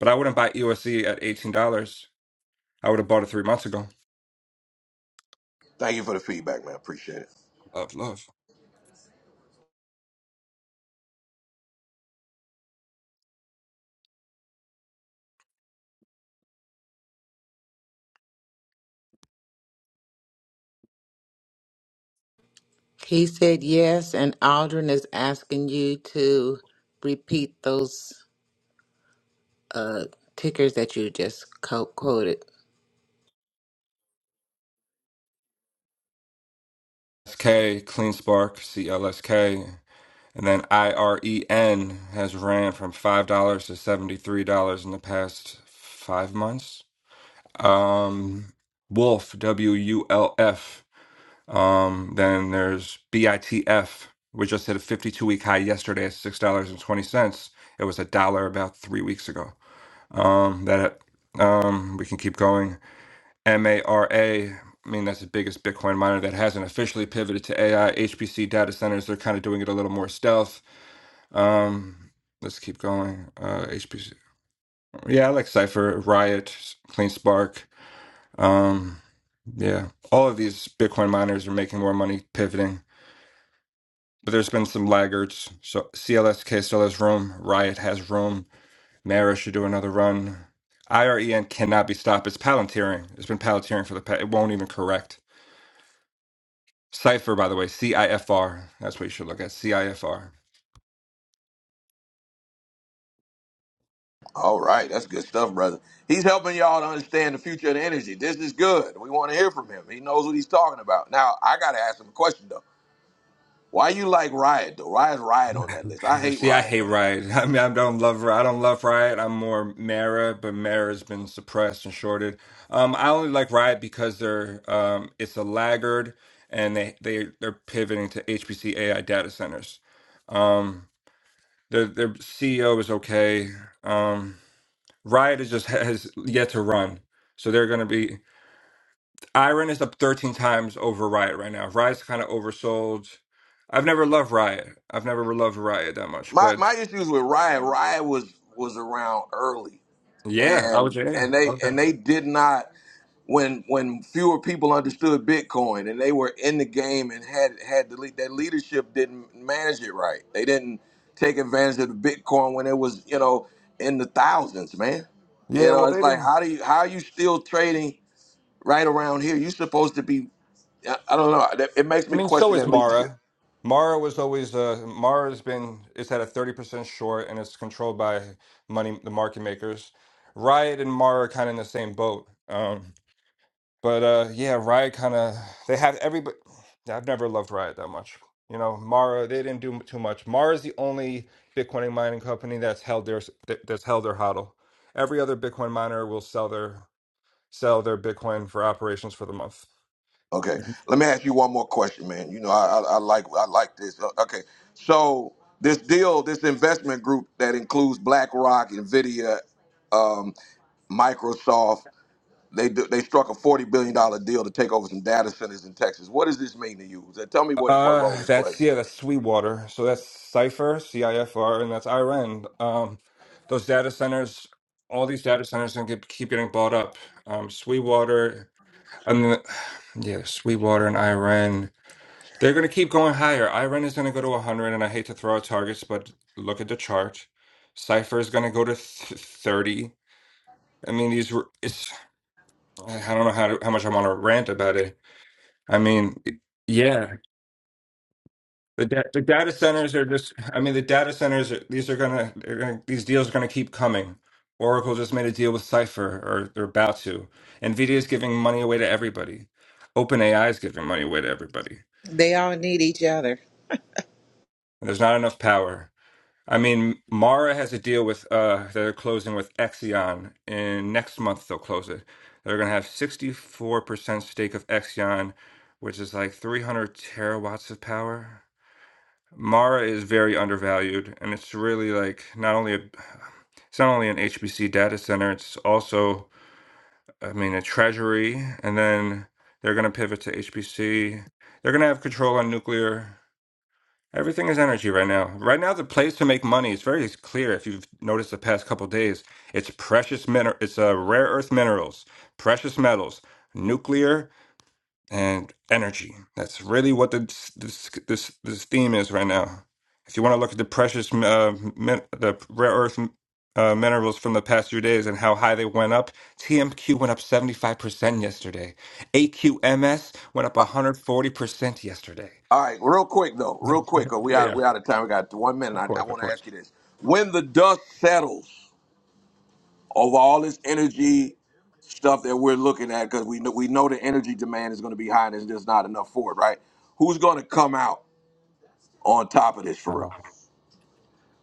[SPEAKER 16] But I wouldn't buy EUSD at $18. I would have bought it three months ago.
[SPEAKER 1] Thank you for the feedback, man. Appreciate it.
[SPEAKER 16] Love, love.
[SPEAKER 7] He said yes, and Aldrin is asking you to repeat those uh, tickers that you just co- quoted.
[SPEAKER 16] SK, Clean Spark, CLSK. And then IREN has ran from $5 to $73 in the past five months. Um, Wolf, W U L F. Um, then there's BITF, which just hit a 52 week high yesterday at $6.20. It was a dollar about three weeks ago. Um, that um, we can keep going. MARA, I mean, that's the biggest Bitcoin miner that hasn't officially pivoted to AI. HPC data centers, they're kind of doing it a little more stealth. Um, let's keep going. Uh, HPC, yeah, I like Cypher, Riot, Clean Spark. Um, yeah, all of these Bitcoin miners are making more money pivoting. But there's been some laggards. So CLSK still has room. Riot has room. Mara should do another run. IREN cannot be stopped. It's Palantiring. It's been Palantiring for the past. It won't even correct. Cipher, by the way, CIFR. That's what you should look at. CIFR.
[SPEAKER 1] All right, that's good stuff, brother. He's helping y'all to understand the future of the energy. This is good. We want to hear from him. He knows what he's talking about. Now, I got to ask him a question though. Why you like Riot though? Why is Riot on that list? I hate
[SPEAKER 16] See, I
[SPEAKER 1] Riot,
[SPEAKER 16] hate
[SPEAKER 1] man.
[SPEAKER 16] Riot. I mean, I don't love. I don't love Riot. I'm more Mara, but Mara's been suppressed and shorted. Um, I only like Riot because they're um, it's a laggard, and they they they're pivoting to HPC AI data centers. Um, their their CEO is okay. Um, Riot is just has yet to run. So they're going to be. Iron is up 13 times over Riot right now. Riot's kind of oversold. I've never loved Riot. I've never loved Riot that much.
[SPEAKER 1] My
[SPEAKER 16] But
[SPEAKER 1] my issues with Riot. Riot was was around early.
[SPEAKER 16] yeah, I was.
[SPEAKER 1] and
[SPEAKER 16] Yeah,
[SPEAKER 1] and they
[SPEAKER 16] okay.
[SPEAKER 1] and they did not when when fewer people understood Bitcoin and they were in the game and had had the lead, their leadership didn't manage it right. They didn't take advantage of the Bitcoin when it was you know in the thousands, man. You
[SPEAKER 16] Yeah,
[SPEAKER 1] know,
[SPEAKER 16] well,
[SPEAKER 1] it's
[SPEAKER 16] they
[SPEAKER 1] like
[SPEAKER 16] didn't.
[SPEAKER 1] how do you how are you still trading right around here? You're supposed to be. I I don't know. That- It makes
[SPEAKER 16] I
[SPEAKER 1] me
[SPEAKER 16] mean, so
[SPEAKER 1] question
[SPEAKER 16] is
[SPEAKER 1] that leadership.
[SPEAKER 16] Mara. Mara was always. Uh, Mara's been. It's at a 30% short and it's controlled by money, the market makers. Riot and Mara are kind of in the same boat. Um, But uh, yeah, Riot kind of they have everybody. I've never loved Riot that much. You know, Mara they didn't do too much. Mara's the only Bitcoin mining company that's held their that- that's held their hodl. Every other Bitcoin miner will sell their sell their Bitcoin for operations for the month.
[SPEAKER 1] Okay, let me ask you one more question, man. You know, I, I, I like I like this. Uh, Okay, so this deal, this investment group that includes BlackRock, Nvidia, um, Microsoft, they do, they struck a forty billion dollar deal to take over some data centers in Texas. What does this mean to you? Uh, Tell me what what role
[SPEAKER 16] Uh,
[SPEAKER 1] this
[SPEAKER 16] that's
[SPEAKER 1] plays.
[SPEAKER 16] yeah, that's Sweetwater. So that's Cipher, CIFR, and that's IREN. Um, those data centers, all these data centers, are gonna get, keep getting bought up. Um, Sweetwater, and then, yeah, Sweetwater and IREN. They're going to keep going higher. IREN is going to go to 100, and I hate to throw out targets, but look at the chart. Cipher is going to go to th 30. I mean, these were, it's, I don't know how to, how much I want to rant about it. I mean, it- yeah, the, da the data centers are just, I mean, the data centers, are, these are going to, they're going to, these deals are going to keep coming. Oracle just made a deal with Cipher, or they're about to. NVIDIA is giving money away to everybody. OpenAI is giving money away to everybody.
[SPEAKER 7] They all need each other.
[SPEAKER 16] And there's not enough power. I mean, Mara has a deal with uh they're closing with Exion, and next month they'll close it. They're gonna have 64% stake of Exion, which is like 300 terawatts of power. Mara is very undervalued, and it's really like not only a it's not only an HPC data center, it's also I mean a treasury, and then they're gonna pivot to HPC. They're gonna have control on nuclear. Everything is energy right now. Right now, the place to make money is very clear. If you've noticed the past couple days, it's precious mineral, it's uh, rare earth minerals, precious metals, nuclear, and energy. That's really what the, this this this theme is right now. If you want to look at the precious uh, min, the rare earth uh, minerals from the past few days and how high they went up, TMQ went up seventy five percent yesterday. AQMS went up
[SPEAKER 1] Uh,
[SPEAKER 16] one hundred forty percent yesterday.
[SPEAKER 1] All right, real quick though, real quick. 'cause We out we out of time. We got one minute. I, I want to ask you this: When the dust settles. over all this energy stuff that we're looking at because we know we know the energy demand is going to be high and there's just not enough for it, right? Who's going to come out on top of this for real?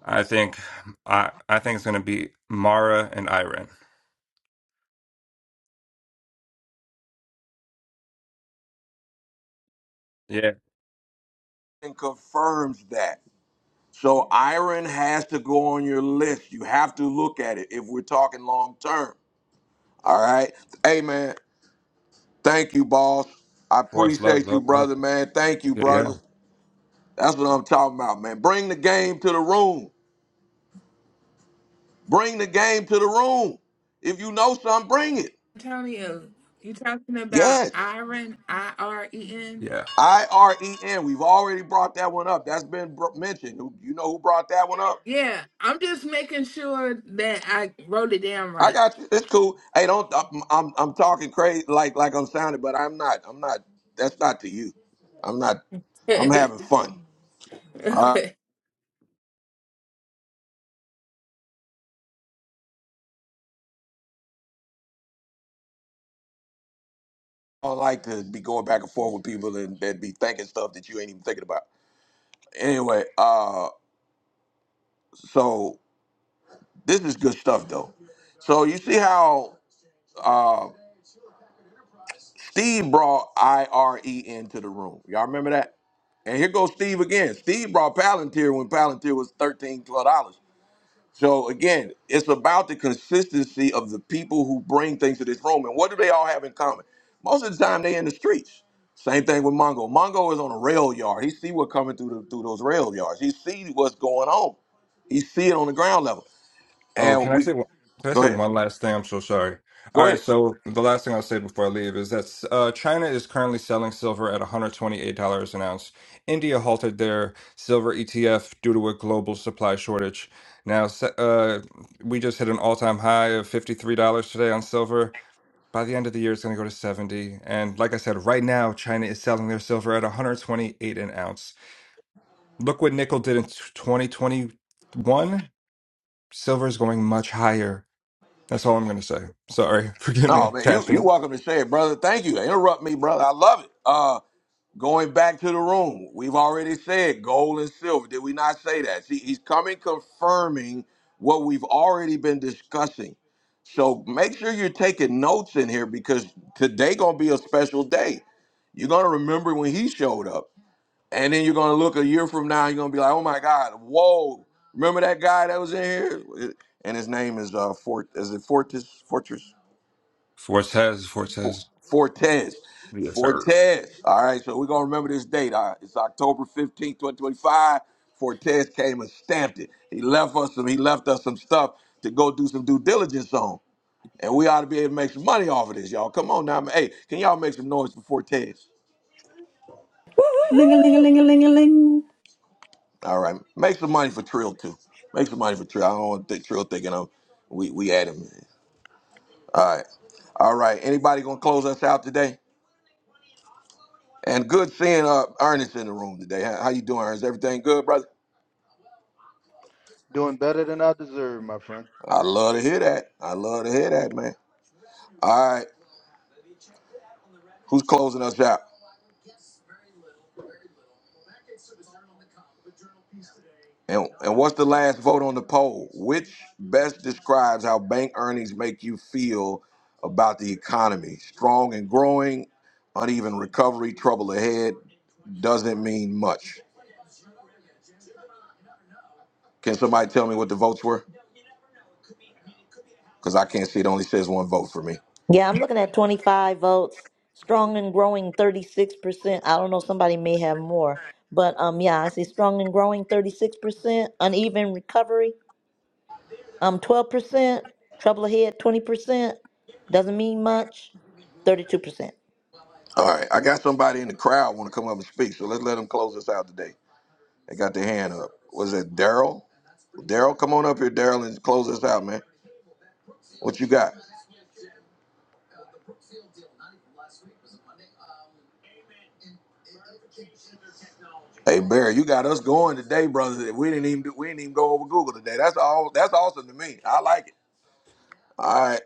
[SPEAKER 16] I think I I think it's gonna be Mara and Iron. Yeah, of
[SPEAKER 1] And confirms that. So iron has to go on your list. You have to look at it if we're talking long term. All right. Hey man, thank you, boss. I
[SPEAKER 16] course, love,
[SPEAKER 1] appreciate you,
[SPEAKER 16] love, love.
[SPEAKER 1] brother, man. Thank you,
[SPEAKER 16] Yeah, yeah.
[SPEAKER 1] brother. That's what I'm talking about, man. Bring the game to the room. Bring the game to the room. If you know something, bring it.
[SPEAKER 10] Antonio, you talking about
[SPEAKER 1] Yes,
[SPEAKER 10] Iron, I R E N?
[SPEAKER 16] yeah.
[SPEAKER 1] I R E N. We've already brought that one up. That's been br- mentioned. Who- You know who brought that one up?
[SPEAKER 10] Yeah, I'm just making sure that I wrote it down
[SPEAKER 1] I
[SPEAKER 10] right.
[SPEAKER 1] got you. It's cool. Hey, don't. I'm I'm, I'm talking crazy like like I'm sounding, but I'm not. I'm not. That's not to you. I'm not. I'm
[SPEAKER 10] okay.
[SPEAKER 1] having fun. I don't like to be going back and forth with people and that be thinking stuff that you ain't even thinking about. Anyway, uh, so this is good stuff though. So you see how? uh, Steve brought IRE into the room. Y'all remember that? And here goes Steve again. Steve brought Palantir when Palantir was $13, So again, it's about the consistency of the people who bring things to this room. And what do they all have in common? Most of the time they in the streets. Same thing with Mongo. Mongo is on a rail yard. He see what coming through the, through those rail yards. He see what's going on. He see it on the ground level.
[SPEAKER 16] Oh,
[SPEAKER 1] And
[SPEAKER 16] can I
[SPEAKER 1] we
[SPEAKER 16] say one, can I
[SPEAKER 1] go
[SPEAKER 16] say
[SPEAKER 1] ahead.
[SPEAKER 16] one last thing? I'm so sorry. All
[SPEAKER 1] Go
[SPEAKER 16] right,
[SPEAKER 1] ahead.
[SPEAKER 16] so the last thing I'll say before I leave is that uh, China is currently selling silver at $128 an ounce. India halted their silver ETF due to a global supply shortage. Now, se- uh, we just hit an all-time high of $53 today on silver. By the end of the year, it's going to go to 70. And like I said, right now, China is selling their silver at 128 an ounce. Look what nickel did in 2021. Silver is going much higher. That's all I'm going to say. Sorry. Forgive me.
[SPEAKER 1] No, man, you you
[SPEAKER 16] Caffeine.
[SPEAKER 1] welcome to say it, brother. Thank you. Interrupt me, brother. I love it. Uh. Going back to the room, we've already said gold and silver. Did we not say that? See, he's coming confirming what we've already been discussing. So make sure you're taking notes in here because today gonna be a special day. You're gonna remember when he showed up, and then you're gonna look a year from now. you're gonna be like, "Oh my God, whoa! Remember that guy that was in here?" And his name is uh, Fort. Is it Fortis? Fortress?
[SPEAKER 16] Fortes, Fortes.
[SPEAKER 1] Fortes.
[SPEAKER 16] Yeah.
[SPEAKER 1] Fortes. All right, so we're going to remember this date. All right, it's October 15th, 2025. Fortes came and stamped it. He left us some, he left us some stuff to go do some due diligence on. And we ought to be able to make some money off of this, y'all. Come on now. Hey, can y'all make some noise for Fortes?
[SPEAKER 3] Ling a ling a
[SPEAKER 18] Woo-hoo-hoo!
[SPEAKER 3] ling a ling a ling.
[SPEAKER 1] All right. Make some money for Trill too. Make some money for Trill. I don't want to think Trill thinking of we we had him. All right. All right. Anybody gonna close us out today? And good seeing uh Ernest in the room today. How, how you doing, Ernest? Everything good, brother?
[SPEAKER 14] Doing better than I deserve, my friend.
[SPEAKER 1] I love to hear that. I love to hear that, man. All right, who's closing us out? And and what's the last vote on the poll? Which best describes how bank earnings make you feel about the economy? Strong and growing, uneven recovery, trouble ahead doesn't mean much. Can somebody tell me what the votes were? Because I can't see it. Only says one vote for me.
[SPEAKER 2] Yeah, I'm looking at 25 votes, strong and growing 36%. I don't know, somebody may have more. But um, yeah, I see strong and growing 36%, uneven recovery um, 12%, trouble ahead 20%, doesn't mean much, 32%.
[SPEAKER 1] All right, I got somebody in the crowd want to come up and speak, so let's let them close us out today. They got their hand up. Was it Daryl? Daryl, come on up here, Daryl, and close this out, man. What you got? Hey, Barry, you got us going today, brother. We didn't even do, we didn't even go over Google today. That's all. That's awesome to me. I like it. All right,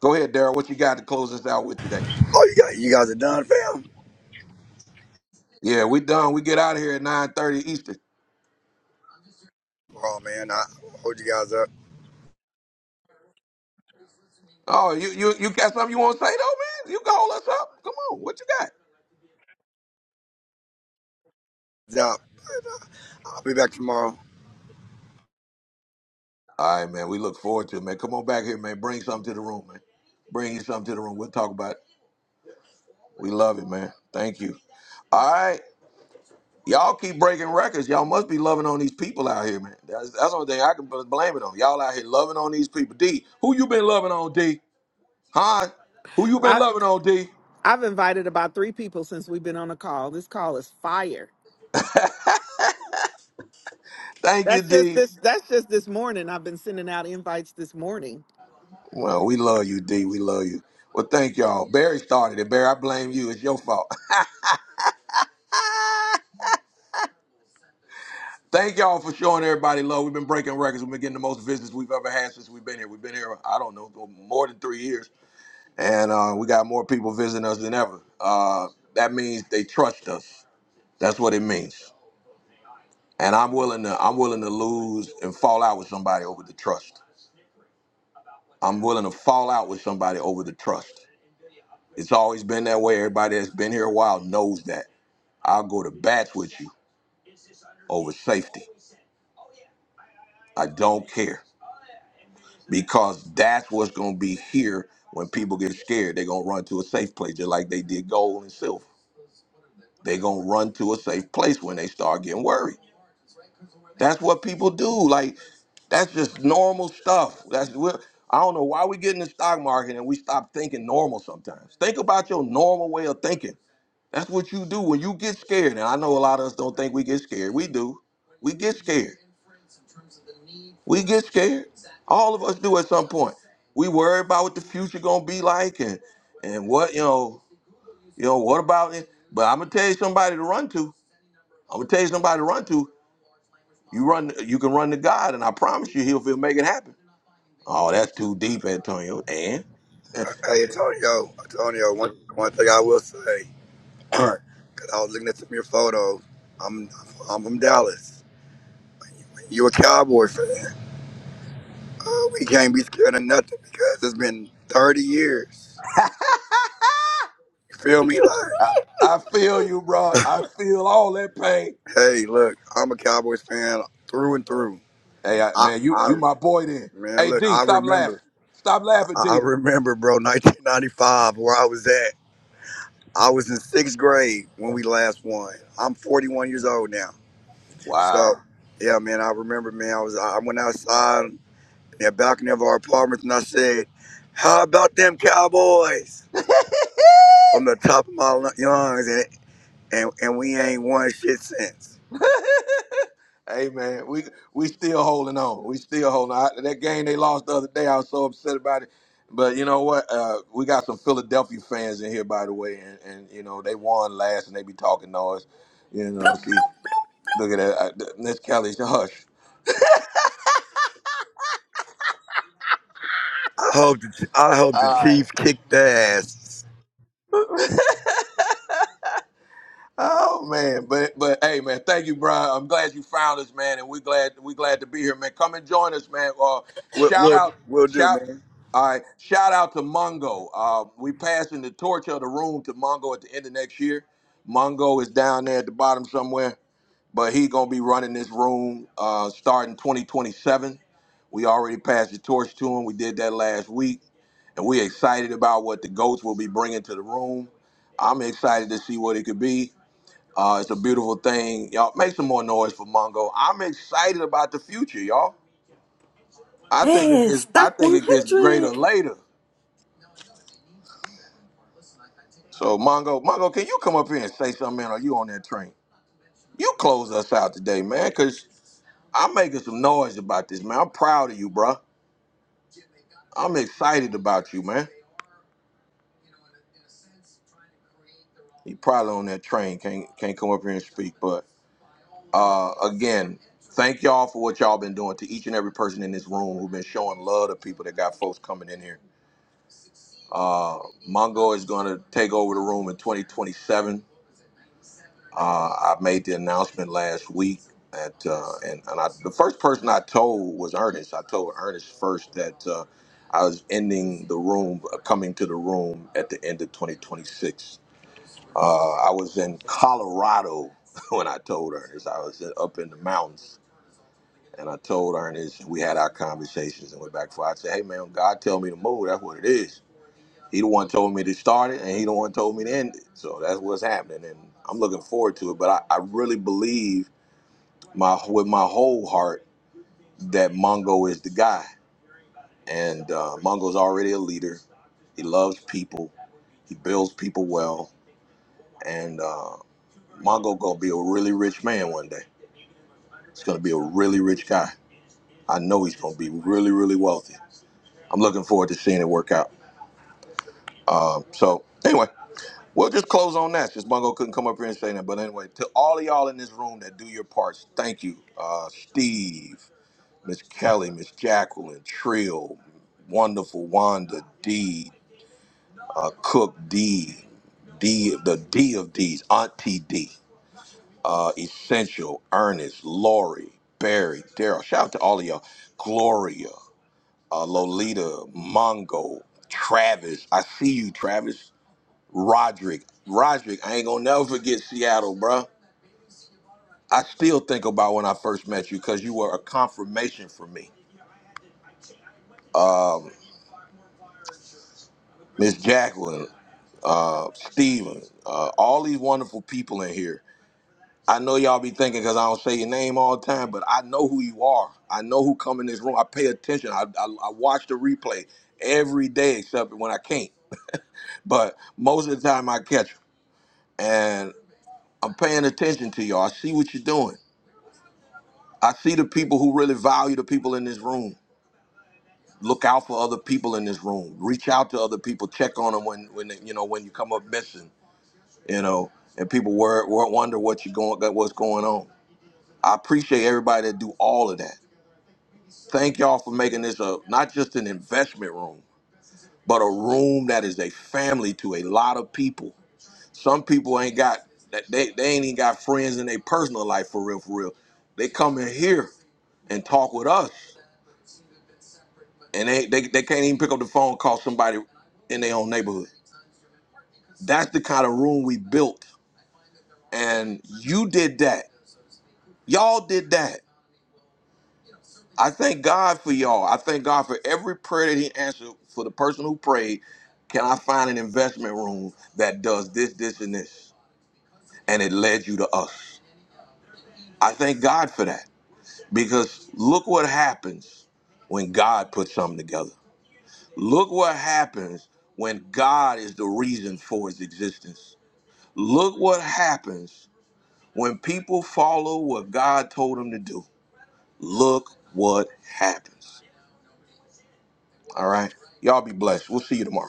[SPEAKER 1] go ahead, Daryl. What you got to close us out with today?
[SPEAKER 19] Oh, you guys, you guys are done, fam?
[SPEAKER 1] Yeah, we done. We get out of here at nine thirty Eastern.
[SPEAKER 19] Oh, man, I hold you guys up.
[SPEAKER 1] Oh, you you you got something you want to say though, man? You can hold us up. Come on, what you got?
[SPEAKER 19] Yeah, I'll be back tomorrow.
[SPEAKER 1] All right, man. We look forward to it, man. Come on back here, man. Bring something to the room, man. Bring you something to the room. We'll talk about it. We love it, man. Thank you. All right. Y'all keep breaking records. Y'all must be loving on these people out here, man. That's, that's the only thing I can bl- blame it on. Y'all out here loving on these people. D, who you been loving on, D? Huh? Who you been
[SPEAKER 13] I,
[SPEAKER 1] loving on, D?
[SPEAKER 13] I've invited about three people since we've been on a call. This call is fire.
[SPEAKER 1] Thank you,
[SPEAKER 13] That's just
[SPEAKER 1] D.
[SPEAKER 13] this that's just this morning. I've been sending out invites this morning.
[SPEAKER 1] Well, we love you, D. We love you. Well, thank y'all. Barry started it. Barry, I blame you. It's your fault. thank y'all for showing everybody love. We've been breaking records. We've been getting the most visits we've ever had since we've been here. We've been here, I don't know, more than three years. and uh, we got more people visiting us than ever. Uh, that means they trust us. That's what it means. And I'm willing to I'm willing to lose and fall out with somebody over the trust. I'm willing to fall out with somebody over the trust. It's always been that way. Everybody that's been here a while knows that. I'll go to bats with you over safety. I don't care because that's what's going to be here when people get scared. They're going to run to a safe place just like they did gold and silver. They're going to run to a safe place when they start getting worried That's what people do. Like that's just normal stuff. That's we're, I don't know why we get in the stock market and we stop thinking normal sometimes. Think about your normal way of thinking. That's what you do when you get scared. And I know a lot of us don't think we get scared. We do. We get scared. We get scared. All of us do at some point. We worry about what the future gonna be like and and what you know, you know, what about it? But I'm gonna tell you somebody to run to. I'm gonna tell you somebody to run to. You run you can run to God and I promise you he'll, he'll make it happen. Oh, that's too deep, Antonio. And
[SPEAKER 19] Uh, Hey, Antonio, Antonio, one, one thing I will say, because I was looking at some of your photos, I'm, I'm from Dallas. You a Cowboy fan. Uh, we can't be scared of nothing because it's been 30 years. You feel me? Like,
[SPEAKER 1] I, I feel you, bro. I feel all that pain.
[SPEAKER 19] hey, look, I'm a Cowboys fan through and through.
[SPEAKER 1] Hey, I,
[SPEAKER 19] I,
[SPEAKER 1] man, you
[SPEAKER 19] I
[SPEAKER 1] you my boy then.
[SPEAKER 19] Man,
[SPEAKER 1] Hey,
[SPEAKER 19] look,
[SPEAKER 1] D,
[SPEAKER 19] I
[SPEAKER 1] stop laughing.
[SPEAKER 19] remember.
[SPEAKER 1] Stop laughing,
[SPEAKER 19] I I
[SPEAKER 1] D.
[SPEAKER 19] remember, bro, 1995, where I was at. I was in sixth grade when we last won. I'm 41 years old now. So,
[SPEAKER 1] Wow.
[SPEAKER 19] yeah, man, I remember, man, I was I went outside in the balcony of our apartments and I said, "How about them Cowboys?" From the top of my lu- lungs, and and, and we ain't won shit since.
[SPEAKER 1] Hey, man, we we still holding on. We still holding on. I- That game they lost the other day, I was so upset about it. But you know what? Uh, we got some Philadelphia fans in here, by the way, and, and you know they won last, and they be talking noise. You know, see, look at that. I, Miss Kelly, hush.
[SPEAKER 19] I hope the I hope the Chiefs kick the ass.
[SPEAKER 1] Oh man, but but hey man, thank you, Brian. I'm glad you found us, man, and we're glad we glad to be here, man. Come and join us, man. Uh,
[SPEAKER 19] We'll,
[SPEAKER 1] shout
[SPEAKER 19] we'll,
[SPEAKER 1] out,
[SPEAKER 19] we'll do,
[SPEAKER 1] shout.
[SPEAKER 19] man.
[SPEAKER 1] All right, shout out to Mongo. Uh, we passing the torch of the room to Mongo at the end of next year. Mongo is down there at the bottom somewhere, but he gonna be running this room uh, starting 2027. We already passed the torch to him. We did that last week, and we excited about what the goats will be bringing to the room. I'm excited to see what it could be. Uh, it's a beautiful thing, y'all. Make some more noise for Mongo. I'm excited about the future, y'all. I think it
[SPEAKER 3] Yes,
[SPEAKER 1] gets, I
[SPEAKER 3] stock
[SPEAKER 1] think it gets greater
[SPEAKER 3] 100.
[SPEAKER 1] later. So Mongo, Mongo, can you come up here and say something? Man, are you on that train? You close us out today, man, because I'm making some noise about this, man. I'm proud of you, bruh. I'm excited about you, man. You probably on that train, can't can't come up here and speak. But uh, again, thank y'all for what y'all been doing to each and every person in this room who've been showing love to people that got folks coming in here Uh, Mongo is going to take over the room in 2027. Uh, I made the announcement last week that, uh, and, and I, the first person I told was Ernest. I told Ernest first that uh, I was ending the room, uh, coming to the room at the end of 2026. Uh, I was in Colorado when I told Ernest. I was up in the mountains. And I told Ernest, we had our conversations and went back for. I said, "Hey man, when God tell me to move. That's what it is." He the one told me to start it, and he the one told me to end it. So that's what's happening, and I'm looking forward to it. But I, I really believe my with my whole heart that Mongo is the guy, and uh, Mongo's already a leader. He loves people. He builds people well, and uh, Mongo gonna be a really rich man one day. He's gonna be a really rich guy. I know he's gonna be really, really wealthy. I'm looking forward to seeing it work out. Um, so anyway, We'll just close on that since Bungo couldn't come up here and say that. But anyway, to all of y'all in this room that do your parts, thank you. Uh, Steve, Miss Kelly, Miss Jacqueline, Trill, Wonderful Wanda, D, uh, Cook D, D, the D of D's, Auntie D, uh, Essential, Ernest, Lori, Barry, Daryl. Shout out to all of y'all. Gloria, uh, Lolita, Mongo, Travis. I see you, Travis. Roderick. Roderick, I ain't gonna never forget Seattle, bruh. I still think about when I first met you because you were a confirmation for me. Um, Miss Jacqueline, uh, Steven, uh, all these wonderful people in here. I know y'all be thinking because I don't say your name all the time, but I know who you are. I know who come in this room. I pay attention. I, I, I watch the replay every day except when I can't. But most of the time I catch 'em. and I'm paying attention to y'all. I see what you're doing. I see the people who really value the people in this room. Look out for other people in this room. Reach out to other people. Check on them when when they- you know when you come up missing. You know, and people were, were wonder what you going that what's going on. I appreciate everybody that do all of that. Thank y'all for making this a not just an investment room, but a room that is a family to a lot of people. Some people ain't got that they, they ain't even got friends in their personal life for real for real. They come in here and talk with us and they, they they can't even pick up the phone and call somebody in their own neighborhood. That's the kind of room we built, and you did that. Y'all did that. I thank God for y'all. I thank God for every prayer that He answered for the person who prayed. Can I find an investment room that does this, this, and this? And it led you to us. I thank God for that because look what happens when God puts something together. Look what happens when God is the reason for its existence Look what happens when people follow what God told them to do. Look what happens. All right. Y'all be blessed. We'll see you tomorrow.